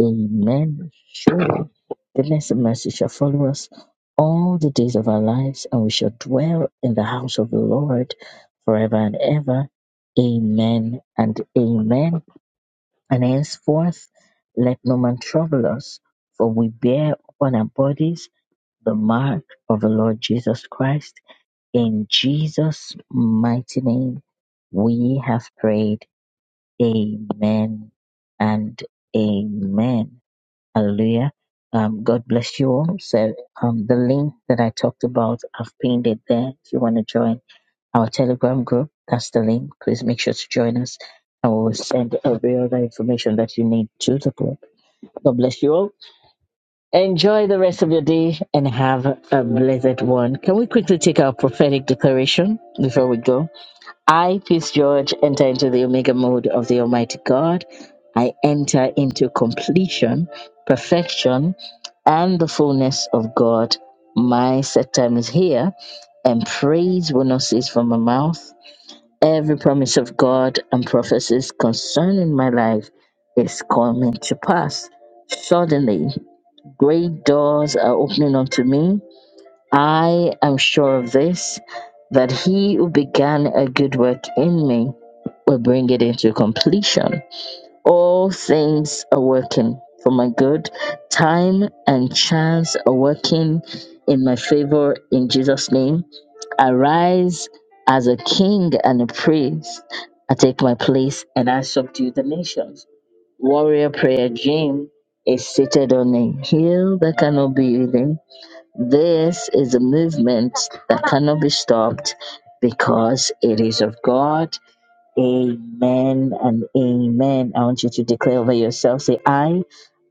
Speaker 2: Amen. Surely goodness and mercy shall follow us all the days of our lives, and we shall dwell in the house of the Lord forever and ever. Amen and amen. And henceforth let no man trouble us, for we bear upon our bodies the mark of the Lord Jesus Christ. In Jesus' mighty name, we have prayed. Amen and amen. Hallelujah. Um, God bless you all. So um, the link that I talked about, I've pinned it there. If you want to join our Telegram group. That's the link. Please make sure to join us. And we'll send every other information that you need to the group. God bless you all. Enjoy the rest of your day and have a blessed one. Can we quickly take our prophetic declaration before we go? I, Peace George, enter into the Omega mode of the Almighty God. I enter into completion, perfection, and the fullness of God. My set time is here, and praise will not cease from my mouth Every promise of God and prophecies concerning my life is coming to pass. Suddenly, great doors are opening unto me. I am sure of this that he who began a good work in me will bring it into completion. All things are working for my good. Time and chance are working in my favor in Jesus' name. Arise as a king and a priest. I take my place and I subdue the nations. Warrior prayer gym is seated on a hill that cannot be hidden. This is a movement that cannot be stopped because it is of God. Amen and amen. I want you to declare over yourself. Say, I.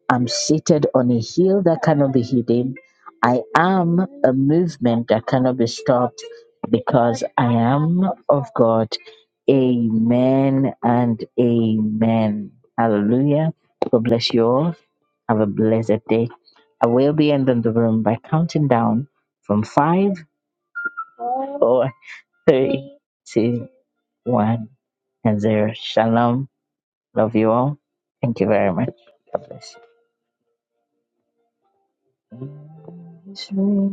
Speaker 2: I'm seated on a hill that cannot be hidden. I am a movement that cannot be stopped because I am of God. Amen and amen. Hallelujah. God bless you all. Have a blessed day. I will be ending the room by counting down from five, four, three, two, one, and zero. Shalom. Love you all. Thank you very much. God bless you.